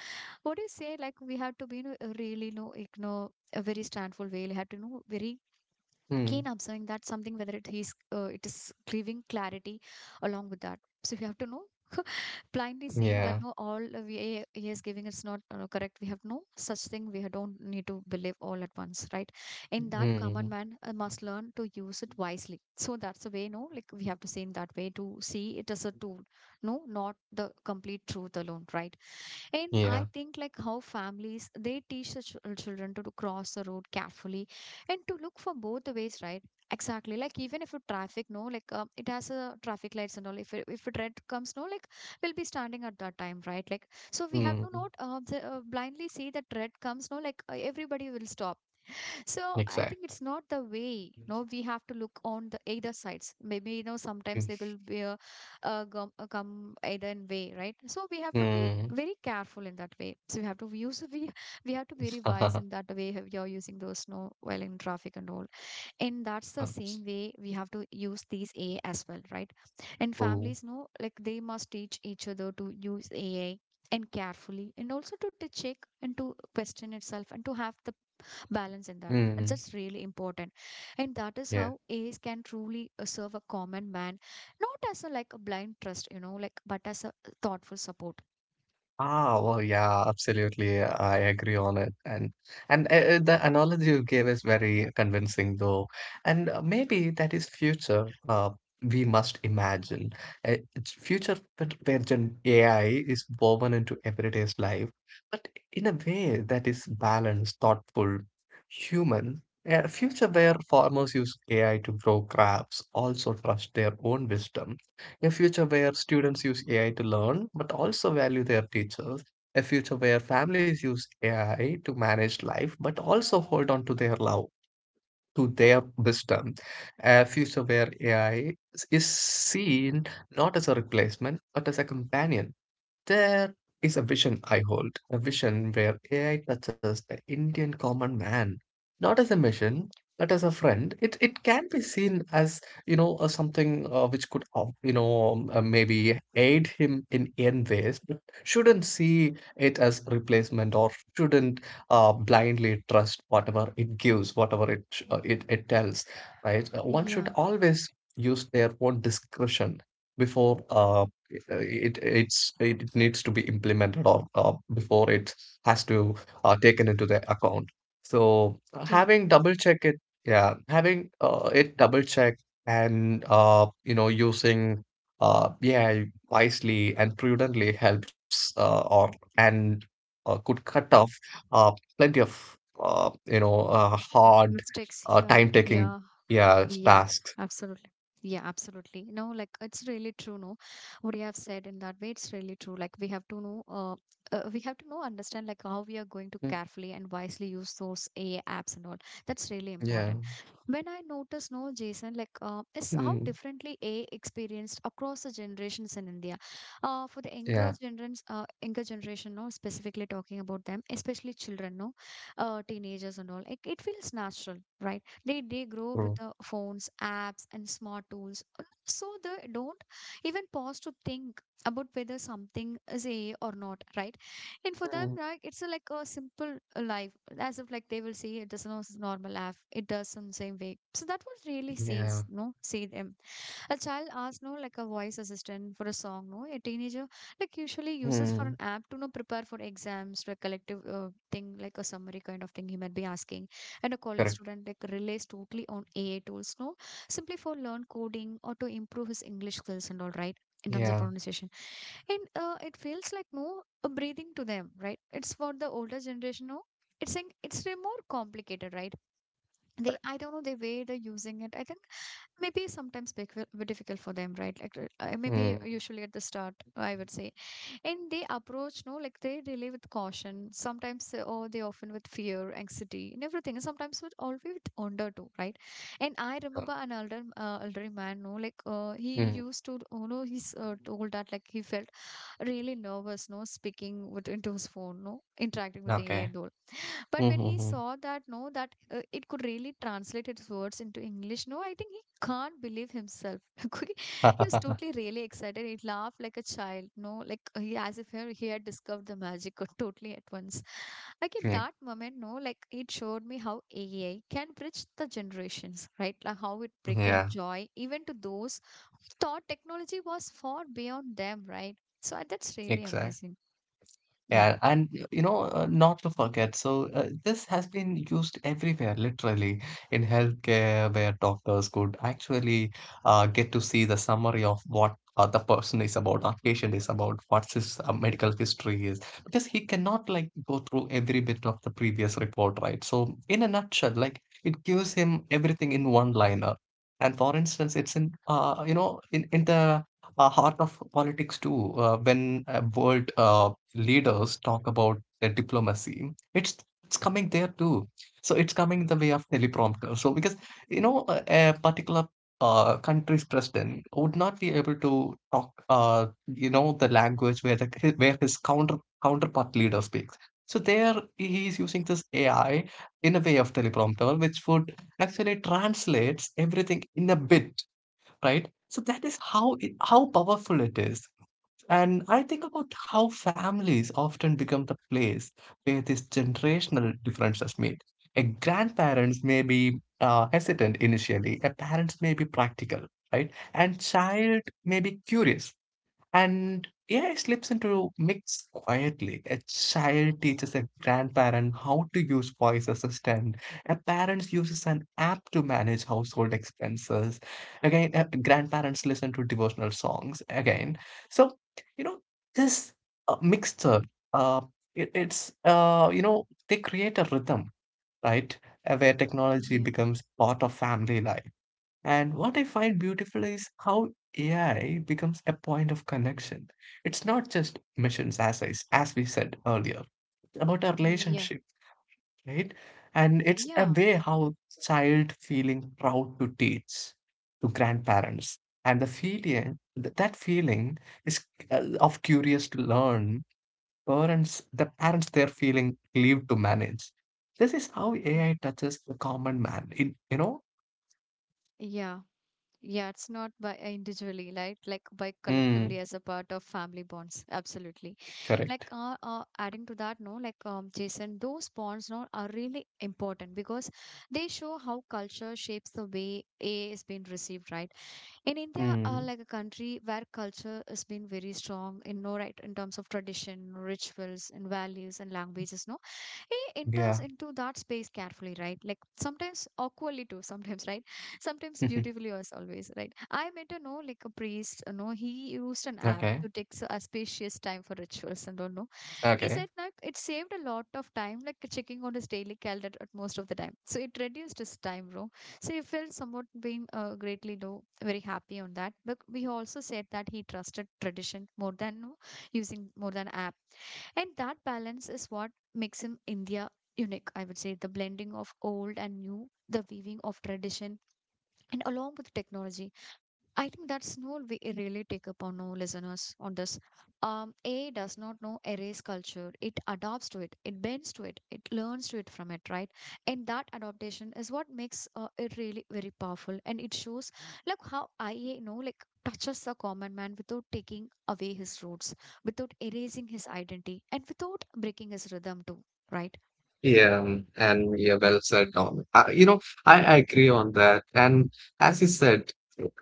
A: what do you say, like we have to be really no, a very standful way we have to know, very
B: Hmm.
A: keen observing that something, whether it is giving clarity along with that. So we have to know. Blindly saying that
B: Yeah.
A: no, all he is giving is not correct, we have no such thing, we don't need to believe all at once, right? In that,
B: Hmm.
A: common man must learn to use it wisely. So that's the way no, like we have to say in that way, to see it as a tool, no, not the complete truth alone, right? And
B: Yeah.
A: I think like how families, they teach the children to cross the road carefully and to look for both the ways, right? Exactly. Like even if a traffic, no, like it has a traffic lights and all. If it red comes, no, like we'll be standing at that time, right? Like so we have
B: Hmm.
A: to not blindly see that red comes, no, like everybody will stop. So I
B: Exactly.
A: think it's not the way. No, we have to look on the either sides. Maybe you know sometimes
B: Hmm.
A: they will be a, uh, gum come either in way, right? So we have to be
B: Hmm.
A: very careful in that way. So we have to use we we have to be very wise in that way, how we are using those no while in traffic and all, and that's the
B: That's
A: same way we have to use these AI as well, right? And
B: true.
A: families know like they must teach each other to use AI and carefully, and also to check and to question itself and to have the balance in that, and
B: Mm,
A: that's really important, and that is
B: yeah.
A: how AIs can truly serve a common man, not as a like a blind trust you know like, but as a thoughtful support.
B: Ah, well, yeah, absolutely. I agree on it. And the analogy you gave is very convincing, though. And maybe that is future. We must imagine a future where gen AI is woven into everyday's life, but in a way that is balanced, thoughtful, human. A future where farmers use AI to grow crops, also trust their own wisdom. A future where students use AI to learn but also value their teachers. A future where families use AI to manage life but also hold on to their love, to their wisdom. A future where AI is seen not as a replacement but as a companion. There is a vision I hold, a vision where AI touches the Indian common man, not as a machine, but as a friend. It can be seen as you know something which could maybe aid him in n ways, but shouldn't see it as replacement or shouldn't blindly trust whatever it gives, whatever it it it tells. Right? One should
A: Yeah,
B: always use their own discretion before it needs to be implemented or before it has to taken into the account. So
A: yeah.
B: having double check it, yeah, having it double check and you know using AI wisely and prudently helps or and could cut off uh, plenty of hard
A: Mistakes. Yeah,
B: time taking,
A: yeah.
B: yeah,
A: Yeah,
B: tasks.
A: absolutely. Yeah, absolutely. No, like it's really true. No, what you have said in that way, it's really true. Like we have to know, we have to know, understand like how we are going to
B: Mm,
A: carefully and wisely use those AI apps and all. That's really
B: yeah.
A: important. When I notice, no, Jason, like is how
B: Mm,
A: differently AI experienced across the generations in India. For the
B: yeah,
A: younger generation, no, specifically talking about them, especially children, no, teenagers and all. It feels natural, right? they grow up with
B: true.
A: the phones apps and smart tools, so they don't even pause to think about whether something is a or not, right? And for them,
B: Mm.
A: right, it's a, like a simple life, as if like they will see it doesn't know it's normal life, it does in the same way. So that was really
B: Yeah.
A: sees no see them. A child asks, no, like a voice assistant for a song, no? A teenager, like, usually uses for an
B: Mm.
A: app to, no, prepare for exams, for a collective thing, like a summary kind of thing he might be asking. And a college
B: Correct.
A: student, like, relies totally on AI tools, no? Simply for learn coding or to improve his English skills and all, right? In terms of
B: Yeah.
A: pronunciation. And it feels like, no, a breathing to them, right? It's for the older generation, no? It's, saying it's way more complicated, right? They,
B: Correct.
A: I don't know, the way they're using it. I think maybe sometimes were difficult for them, right? Like maybe
B: Mm.
A: usually at the start I would say, and they approach no like they really with caution sometimes or they often with fear anxiety and everything, and sometimes with always with wonder too, right? And I
B: So.
A: remember an elderly man no, like he
B: Mm.
A: used to you know he's told that like he felt really nervous no speaking with into his phone no interacting with the AI
B: Okay.
A: and all, but when he
B: Mhm.
A: saw that no that it could really translate its words into English, no, I think he can't believe himself. He was totally really excited, he laughed like a child, no, like he, as if he, he had discovered the magic totally at once. Like at
B: Yeah.
A: that moment no like it showed me how AI can bridge the generations, right? Like how it bring in
B: Yeah.
A: joy even to those who thought technology was far beyond them, right? So that's really
B: Exactly.
A: amazing. Yeah.
B: Not to forget, this has been used everywhere, literally in healthcare, where doctors could actually get to see the summary of what the person is about, or patient is about, what's his medical history is, because he cannot like go through every bit of the previous report, right? So, in a nutshell, like it gives him everything in one liner. And for instance, it's in in the heart of politics too, when world leaders talk about their diplomacy, it's coming there too. So it's coming the way of teleprompter. So because you know a particular country's president would not be able to talk you know the language where the hi- where his counter counterpart leader speaks. So there he is using this AI in a way of teleprompter, which would actually translates everything in a bit, right? So that is how how powerful it is. And I think about how families often become the place where these generational differences meet. A grandparents may be hesitant initially, a parents may be practical, right? And child may be curious. And AI slips into mix quietly. A child teaches a grandparent how to use voice assistant. A parent uses an app to manage household expenses. Again, grandparents listen to devotional songs. Again, so you know this Mixture. Uh, it's they create a rhythm, right? Where technology
A: Yeah.
B: becomes part of family life. And what I find beautiful is how AI becomes a point of connection. It's not just missions, as I as we said earlier, it's about a
A: Yeah.
B: relationship, right? And it's a
A: Yeah.
B: way how child feeling proud to teach to grandparents, and the feeling that feeling is of curious to learn. The parents, they're feeling relieved to manage. This is how AI touches the common man.
A: Yeah. Yeah, it's not by individually, right? Like by
B: Mm,
A: collectively as a part of family bonds. Absolutely. Like
B: correct.
A: adding to that, no, like um, Jason, those bonds no are really important because they show how culture shapes the way A is being received, right? In India,
B: Mm.
A: like a country where culture has been very strong in no right in terms of tradition, rituals and values and languages, no? He enters
B: Yeah.
A: into that space carefully, right? Like sometimes awkwardly too sometimes, right? Sometimes beautifully as always, right? I met a no like a priest, you know, he used an app
B: Okay.
A: to take a spacious time for rituals and all, no. He said
B: Okay.
A: like it saved a lot of time like checking on his daily calendar at most of the time, so it reduced his time bro. So he felt somewhat being greatly low very happy on that, but we also said that he trusted tradition more than no, using more than app, and that balance is what makes him India unique, I would say. The blending of old and new, the weaving of tradition, and along with technology. I think that's no we really take up on no listeners on this. AI does not know erase culture. It adapts to it. It bends to it. It learns to it from it, right? And that adaptation is what makes it really very powerful. And it shows like how Ia, you know, like touches the common man without taking away his roots, without erasing his identity, and without breaking his rhythm too, right?
B: Well said, Don. I agree on that. And as you said,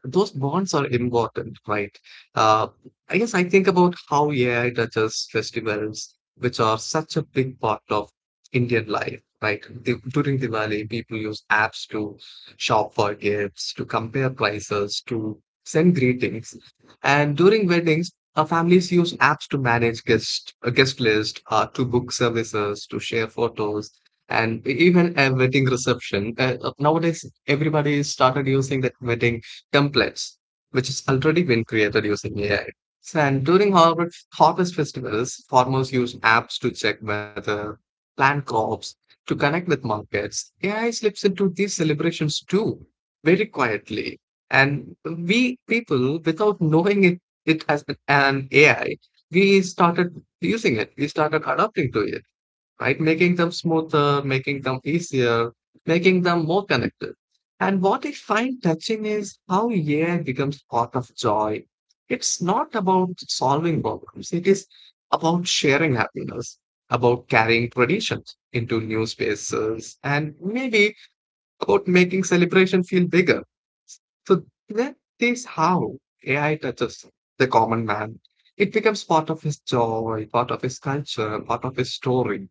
B: those bonds are important, right? Uh, I guess I think about how AI touches festivals, which are such a big part of Indian life, right? During Diwali, people use apps to shop for gifts, to compare prices, to send greetings. And during weddings, families use apps to manage guest a guest list, to book services, to share photos, and even a wedding reception. Nowadays, everybody started using the wedding templates, which has already been created using AI. So, and during harvest festivals, farmers use apps to check weather, plan crops, to connect with markets. AI slips into these celebrations too, very quietly. And we people, without knowing it, it has been an AI. We started using it. We started adapting to it, right? Making them smoother, making them easier, making them more connected. And what I find touching is how AI becomes part of joy. It's not about solving problems. It is about sharing happiness, about carrying traditions into new spaces, and maybe about making celebration feel bigger. So that is how AI touches the common man. It becomes part of his joy, part of his culture, part of his story.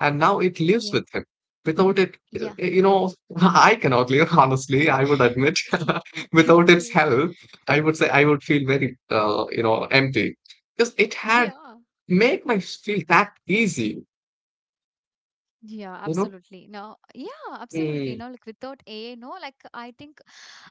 B: And now it lives
A: Yeah.
B: with him. Without it,
A: Yeah.
B: I cannot live, honestly, I would admit. Without its help, I would say I would feel very, empty. Because it
A: Okay.
B: had
A: Yeah.
B: made my feel that easy,
A: Yeah,
B: you know?
A: absolutely. No, yeah, absolutely.
B: Mm.
A: No, like without AI, no, like I think,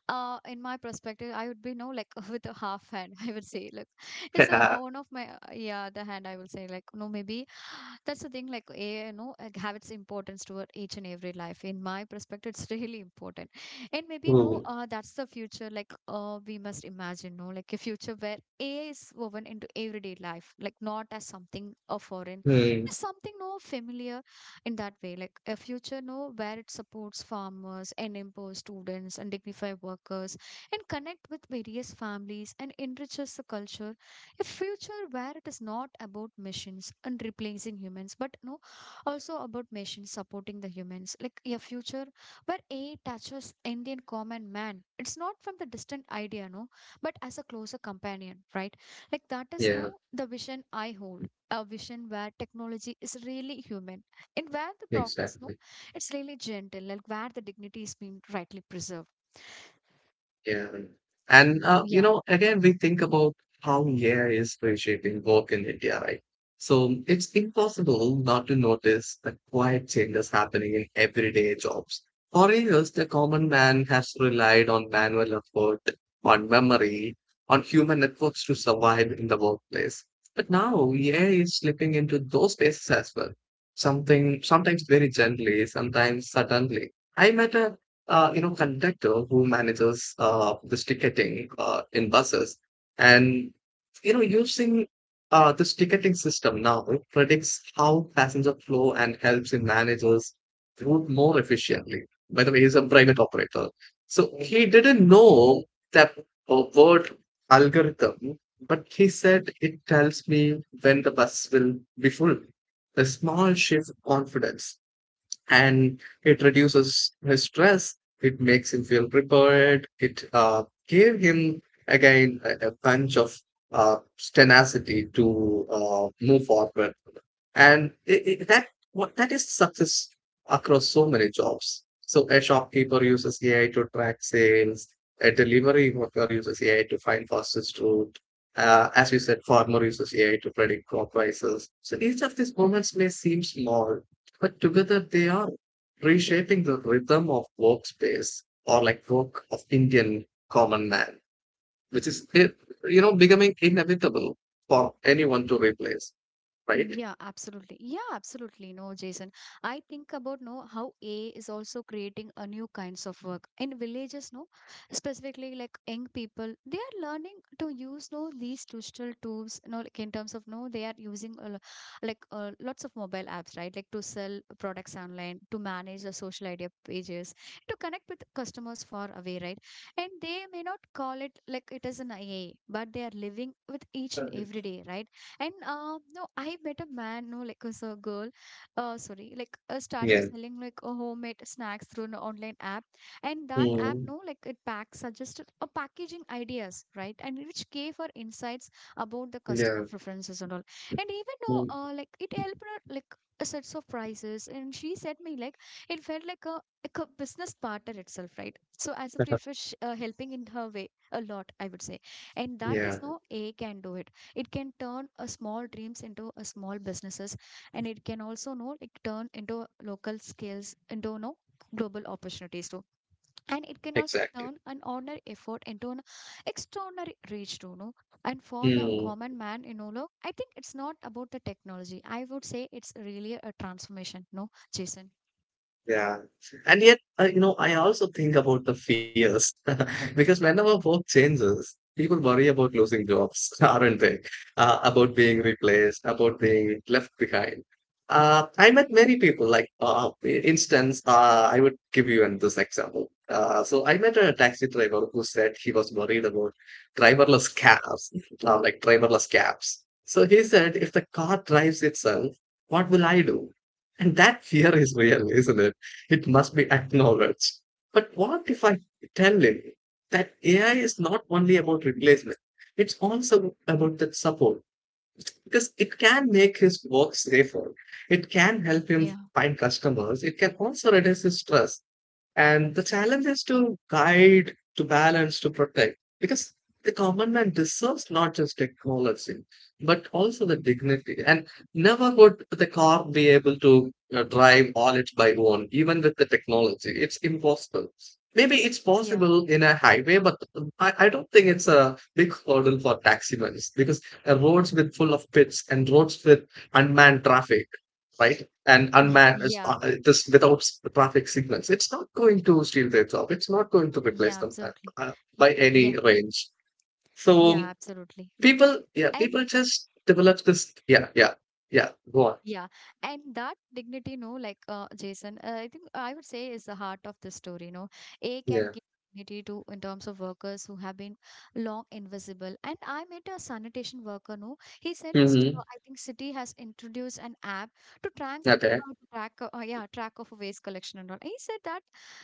A: in my perspective, I would be no, like with a half hand, I would say, like it's a,
B: Yeah.
A: one of my, yeah, the hand I will say, like, no, maybe that's the thing, like AI, no, like, have its importance toward each and every life. In my perspective, it's really important. And maybe, no,
B: Ooh.
A: that's the future, like, we must imagine, no, like a future where AI is woven into everyday life, like not as something foreign, but
B: Mm.
A: as something, no, familiar, in that way, like a future know where it supports farmers and empowers students and dignified workers, and connect with various families and enriches the culture, a future where it is not about machines and replacing humans, but no also about machines supporting the humans, like a future where AI touches Indian common man, it's not from the distant idea no, but as a closer companion, right? Like that is
B: Yeah.
A: no the vision I hold, a vision where technology is really human, and where the progress, no,
B: Exactly.
A: it's really gentle, like where the dignity is being rightly preserved.
B: Yeah. And
A: Yeah.
B: again, we think about how AI is reshaping work in India, right? So it's impossible not to notice the quiet changes happening in everyday jobs. For years, the common man has relied on manual effort, on memory, on human networks to survive in the workplace. But now AI is slipping into those spaces as well. Something sometimes very gently, sometimes suddenly. I met a conductor who manages this ticketing in buses. And, you know, using this ticketing system now predicts how passenger flow and helps in managers route more efficiently. By the way, he's a private operator. So he didn't know that word algorithm, but he said it tells me when the bus will be full. A small shift confidence and it reduces his stress. It makes him feel prepared. It gave him again a punch of uh, tenacity to move forward, and it, that what that is success across so many jobs. So a shopkeeper uses AI to track sales. A delivery worker uses AI to find fastest route. As you said, farmer uses AI to predict crop prices. So each of these moments may seem small, but together they are reshaping the rhythm of workspace or like work of Indian common man, which is it, you know becoming inevitable for anyone to replace, right?
A: Yeah, absolutely. Yeah, absolutely. No, Jason. I think about no how AI is also creating a new kinds of work in villages. No, specifically like young people, they are learning to use no these digital tools. No, like in terms of no, they are using like lots of mobile apps, right? Like to sell products online, to manage the social idea pages, to connect with customers far away, right? And they may not call it like it is an AI, but they are living with each and
B: Certainly.
A: every day, right? And no, I met a man, no, like was a girl,
B: So,
A: sorry, like started
B: yeah.
A: selling like a homemade snacks through an online app, and that app,
B: Mm.
A: no, like it pack suggested a packaging ideas, right, and which gave her insights about the customer
B: Yeah.
A: preferences and all, and even though
B: Mm.
A: like it helped her like a sets of prices, and she said me like it felt like a business partner itself, right? So as a free fish, helping in her way a lot, I would say, and that
B: yeah.
A: is no A can do it. It can turn a small dreams into a small businesses, and it can also know it turn into local skills into no global opportunities too, and it can also
B: Exactly.
A: turn an ordinary effort into an extraordinary reach too, no. And for the
B: Mm.
A: common man, you know look, I think it's not about the technology, I would say it's really a transformation, no Jason.
B: Yeah. And yet, I also think about the fears because whenever work changes, people worry about losing jobs, aren't they? About being replaced, about being left behind. I met many people, like, instance, I would give you this example. I met a taxi driver who said he was worried about driverless cabs, driverless cabs. So he said, if the car drives itself, what will I do? And that fear is real, isn't it? It must be acknowledged. But what if I tell him that AI is not only about replacement, it's also about that support because it can make his work safer. It can help him
A: Yeah.
B: find customers. It can also reduce his stress. And the challenge is to guide, to balance, to protect, because the common man deserves not just technology, but also the dignity. And never would the car be able to drive all it by own, even with the technology. It's impossible. Maybe it's
A: Yeah.
B: possible in a highway, but I don't think it's a big hurdle for taximans because roads with full of pits and roads with unmanned traffic, right? And unmanned is
A: Yeah
B: this without traffic signals, it's not going to steal their job. It's not going to replace
A: yeah,
B: them,
A: absolutely. Y-
B: by
A: yeah,
B: any range.
A: yeah,
B: So
A: absolutely.
B: people, yeah,
A: And
B: people just develop this. Yeah, yeah, yeah. Go on.
A: yeah, and that dignity, no, like Jason, I think I would say is the heart of the story. No, A can
B: Yeah.
A: give dignity to in terms of workers who have been long invisible. And I met a sanitation worker. No, he said his
B: Hmm.
A: I think city has introduced an app to track.
B: Okay.
A: To track, yeah, track of waste collection and all. He said that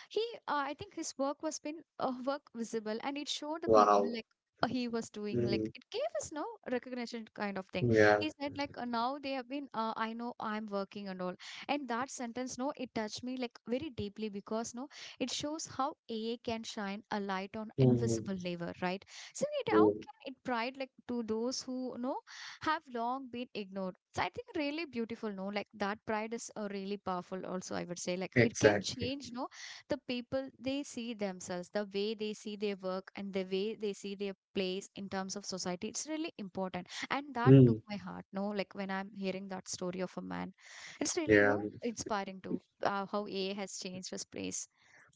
A: he, I think his work was been work visible, and it showed the people
B: Wow.
A: like he was doing. Like
B: Hmm.
A: it gave us no recognition kind of thing.
B: Yeah.
A: He said like now they have been I know I'm working and all, and that sentence, no, it touched me like very deeply, because no, it shows how aa can shine a light on invisible
B: Hmm.
A: labor, right? So it how can it pride like to those who have long been ignored. So I think really beautiful, no, like that pride is really powerful. Also I would say like it can
B: Exactly.
A: change, no, the people, they see themselves, the way they see their work and the way they see their place in terms of society. It's really important, and that took
B: Mm.
A: my heart, no, like when I'm hearing that story of a man, it's really
B: Yeah.
A: inspiring to how AI has changed his place.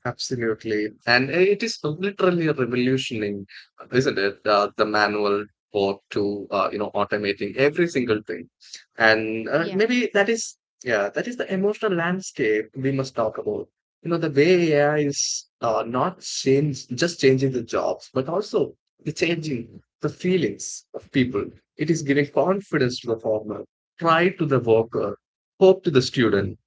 B: Absolutely. And it is literally revolutioning, isn't it? The manual work to, automating every single thing. And
A: Yeah.
B: maybe that is, yeah, that is the emotional landscape we must talk about. You know, the way AI is not change, just changing the jobs, but also the changing the feelings of people. It is giving confidence to the farmer, pride to the worker, hope to the student,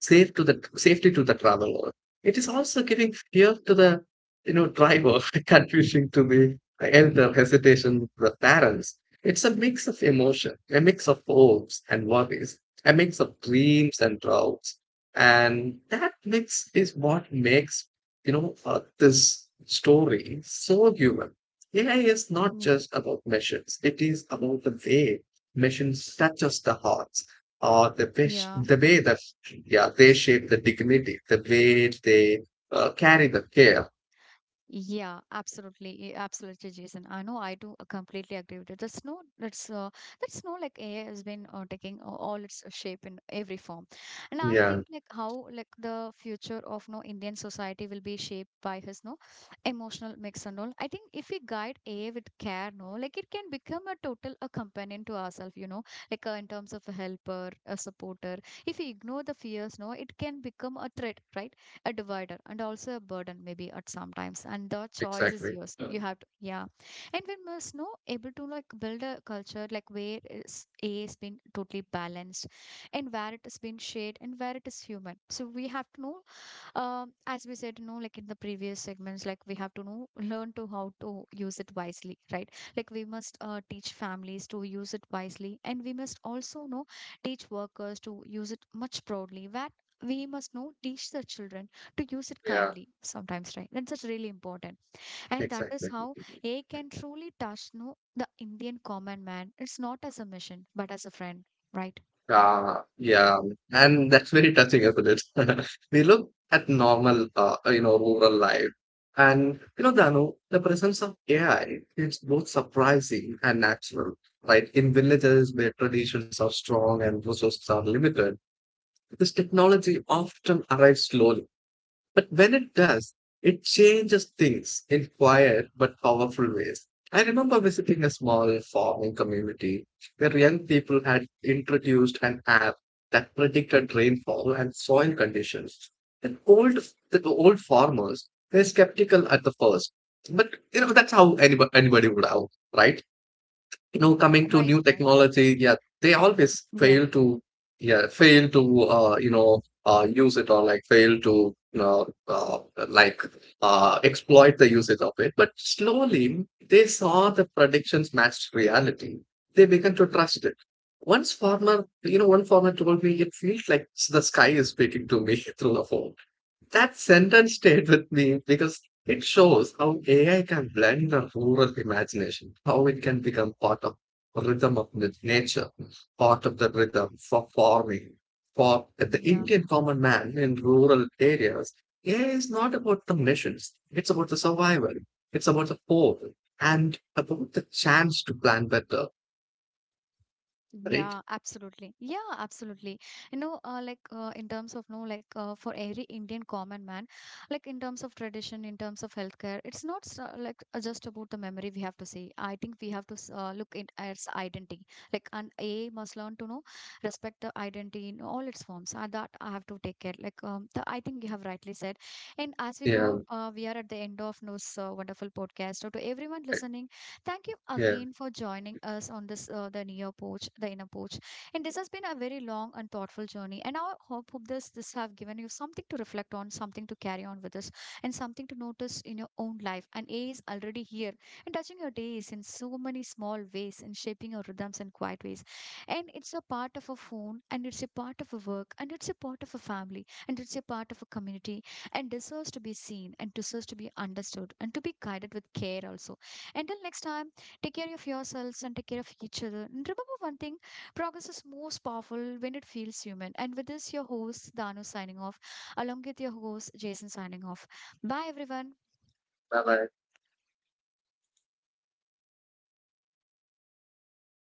B: safety to the traveler. It is also giving fear to the driver, confusing to the elder, hesitation to the parents. It's a mix of emotion, a mix of hopes and worries, a mix of dreams and doubts, and that mix is what makes this story so human. AI is not
A: Mm.
B: just about machines; it is about the way machines touches the hearts
A: Yeah.
B: the way they shape the dignity, the way they carry the care.
A: Yeah, absolutely, eh, absolutely, Jason. I know I do completely agree with it. That's no, that's no, like AI has been taking all its shape in every form. And I
B: Yeah,
A: think like how like the future of, no, Indian society will be shaped by his, no, emotional mix and all. I think if we guide AI with care, no, like it can become a total a companion to ourselves. Like in terms of a helper, a supporter. If we ignore the fears, no, it can become a threat, right? A divider and also a burden maybe at sometimes, and the choice is
B: exactly.
A: yours.
B: Uh,
A: You have to, yeah, and we must know able to like build a culture like where is a has been totally balanced and where it has been shared and where it is human. So we have to know, as we said, like in the previous segments, like we have to know, learn to how to use it wisely, right? Like we must teach families to use it wisely, and we must also know teach workers to use it much proudly. That we must know teach the children to use it
B: yeah,
A: kindly sometimes, right? And that's really important, and that is
B: exactly.
A: how A can truly touch, no, the Indian common man. It's not as a mission, but as a friend, right?
B: Uh, yeah, and that's very touching, isn't it? we look at normal, rural life, and you know, Danu, the presence of AI is both surprising and natural. Right, in villages where traditions are strong and resources are limited, this technology often arrives slowly. But when it does, it changes things in quiet but powerful ways. I remember visiting a small farming community where young people had introduced an app that predicted rainfall and soil conditions. And old farmers were skeptical at the first, but you know that's how anybody would have, right? You know,
A: Yeah,
B: coming to
A: right,
B: new
A: right.
B: technology, yeah, they always
A: Yeah,
B: fail to, yeah, fail to use it, or like fail to you know uh, like exploit the usage of it, but slowly they saw the predictions matched reality, they began to trust it. Once farmer you know One farmer told me it feels like the sky is speaking to me through the phone. That sentence stayed with me because it shows how AI can blend the rural imagination, how it can become part of rhythm of nature, part of the rhythm for farming. For the
A: yeah.
B: Indian common man in rural areas, AI is not about the missions. It's about the survival. It's about the hope and about the chance to plan better. Right.
A: Yeah, absolutely. Yeah, absolutely. Like in terms of no, like for every Indian common man, like in terms of tradition, in terms of healthcare, it's not so, like just about the memory we have to see. I think we have to look in its identity. Like an A must learn to know respect the identity in all its forms. That I have to take care. Like the, I think you have rightly said. And as we
B: Yeah,
A: go, we are at the end of this wonderful podcast. So to everyone listening. Thank you
B: yeah,
A: again for joining us on this, the near porch, the inner porch. And this has been a very long and thoughtful journey. And I hope this have given you something to reflect on, something to carry on with us, and something to notice in your own life. And A is already here and touching your days in so many small ways and shaping your rhythms in quiet ways. And it's a part of a phone, and it's a part of a work, and it's a part of a family, and it's a part of a community, and deserves to be seen and deserves to be understood and to be guided with care also. Until next time, take care of yourselves and take care of each other. And remember one thing: progress is most powerful when it feels human. And with this, your host, Danu, signing off, along with your host, Jason, signing off. Bye, everyone.
B: bye bye.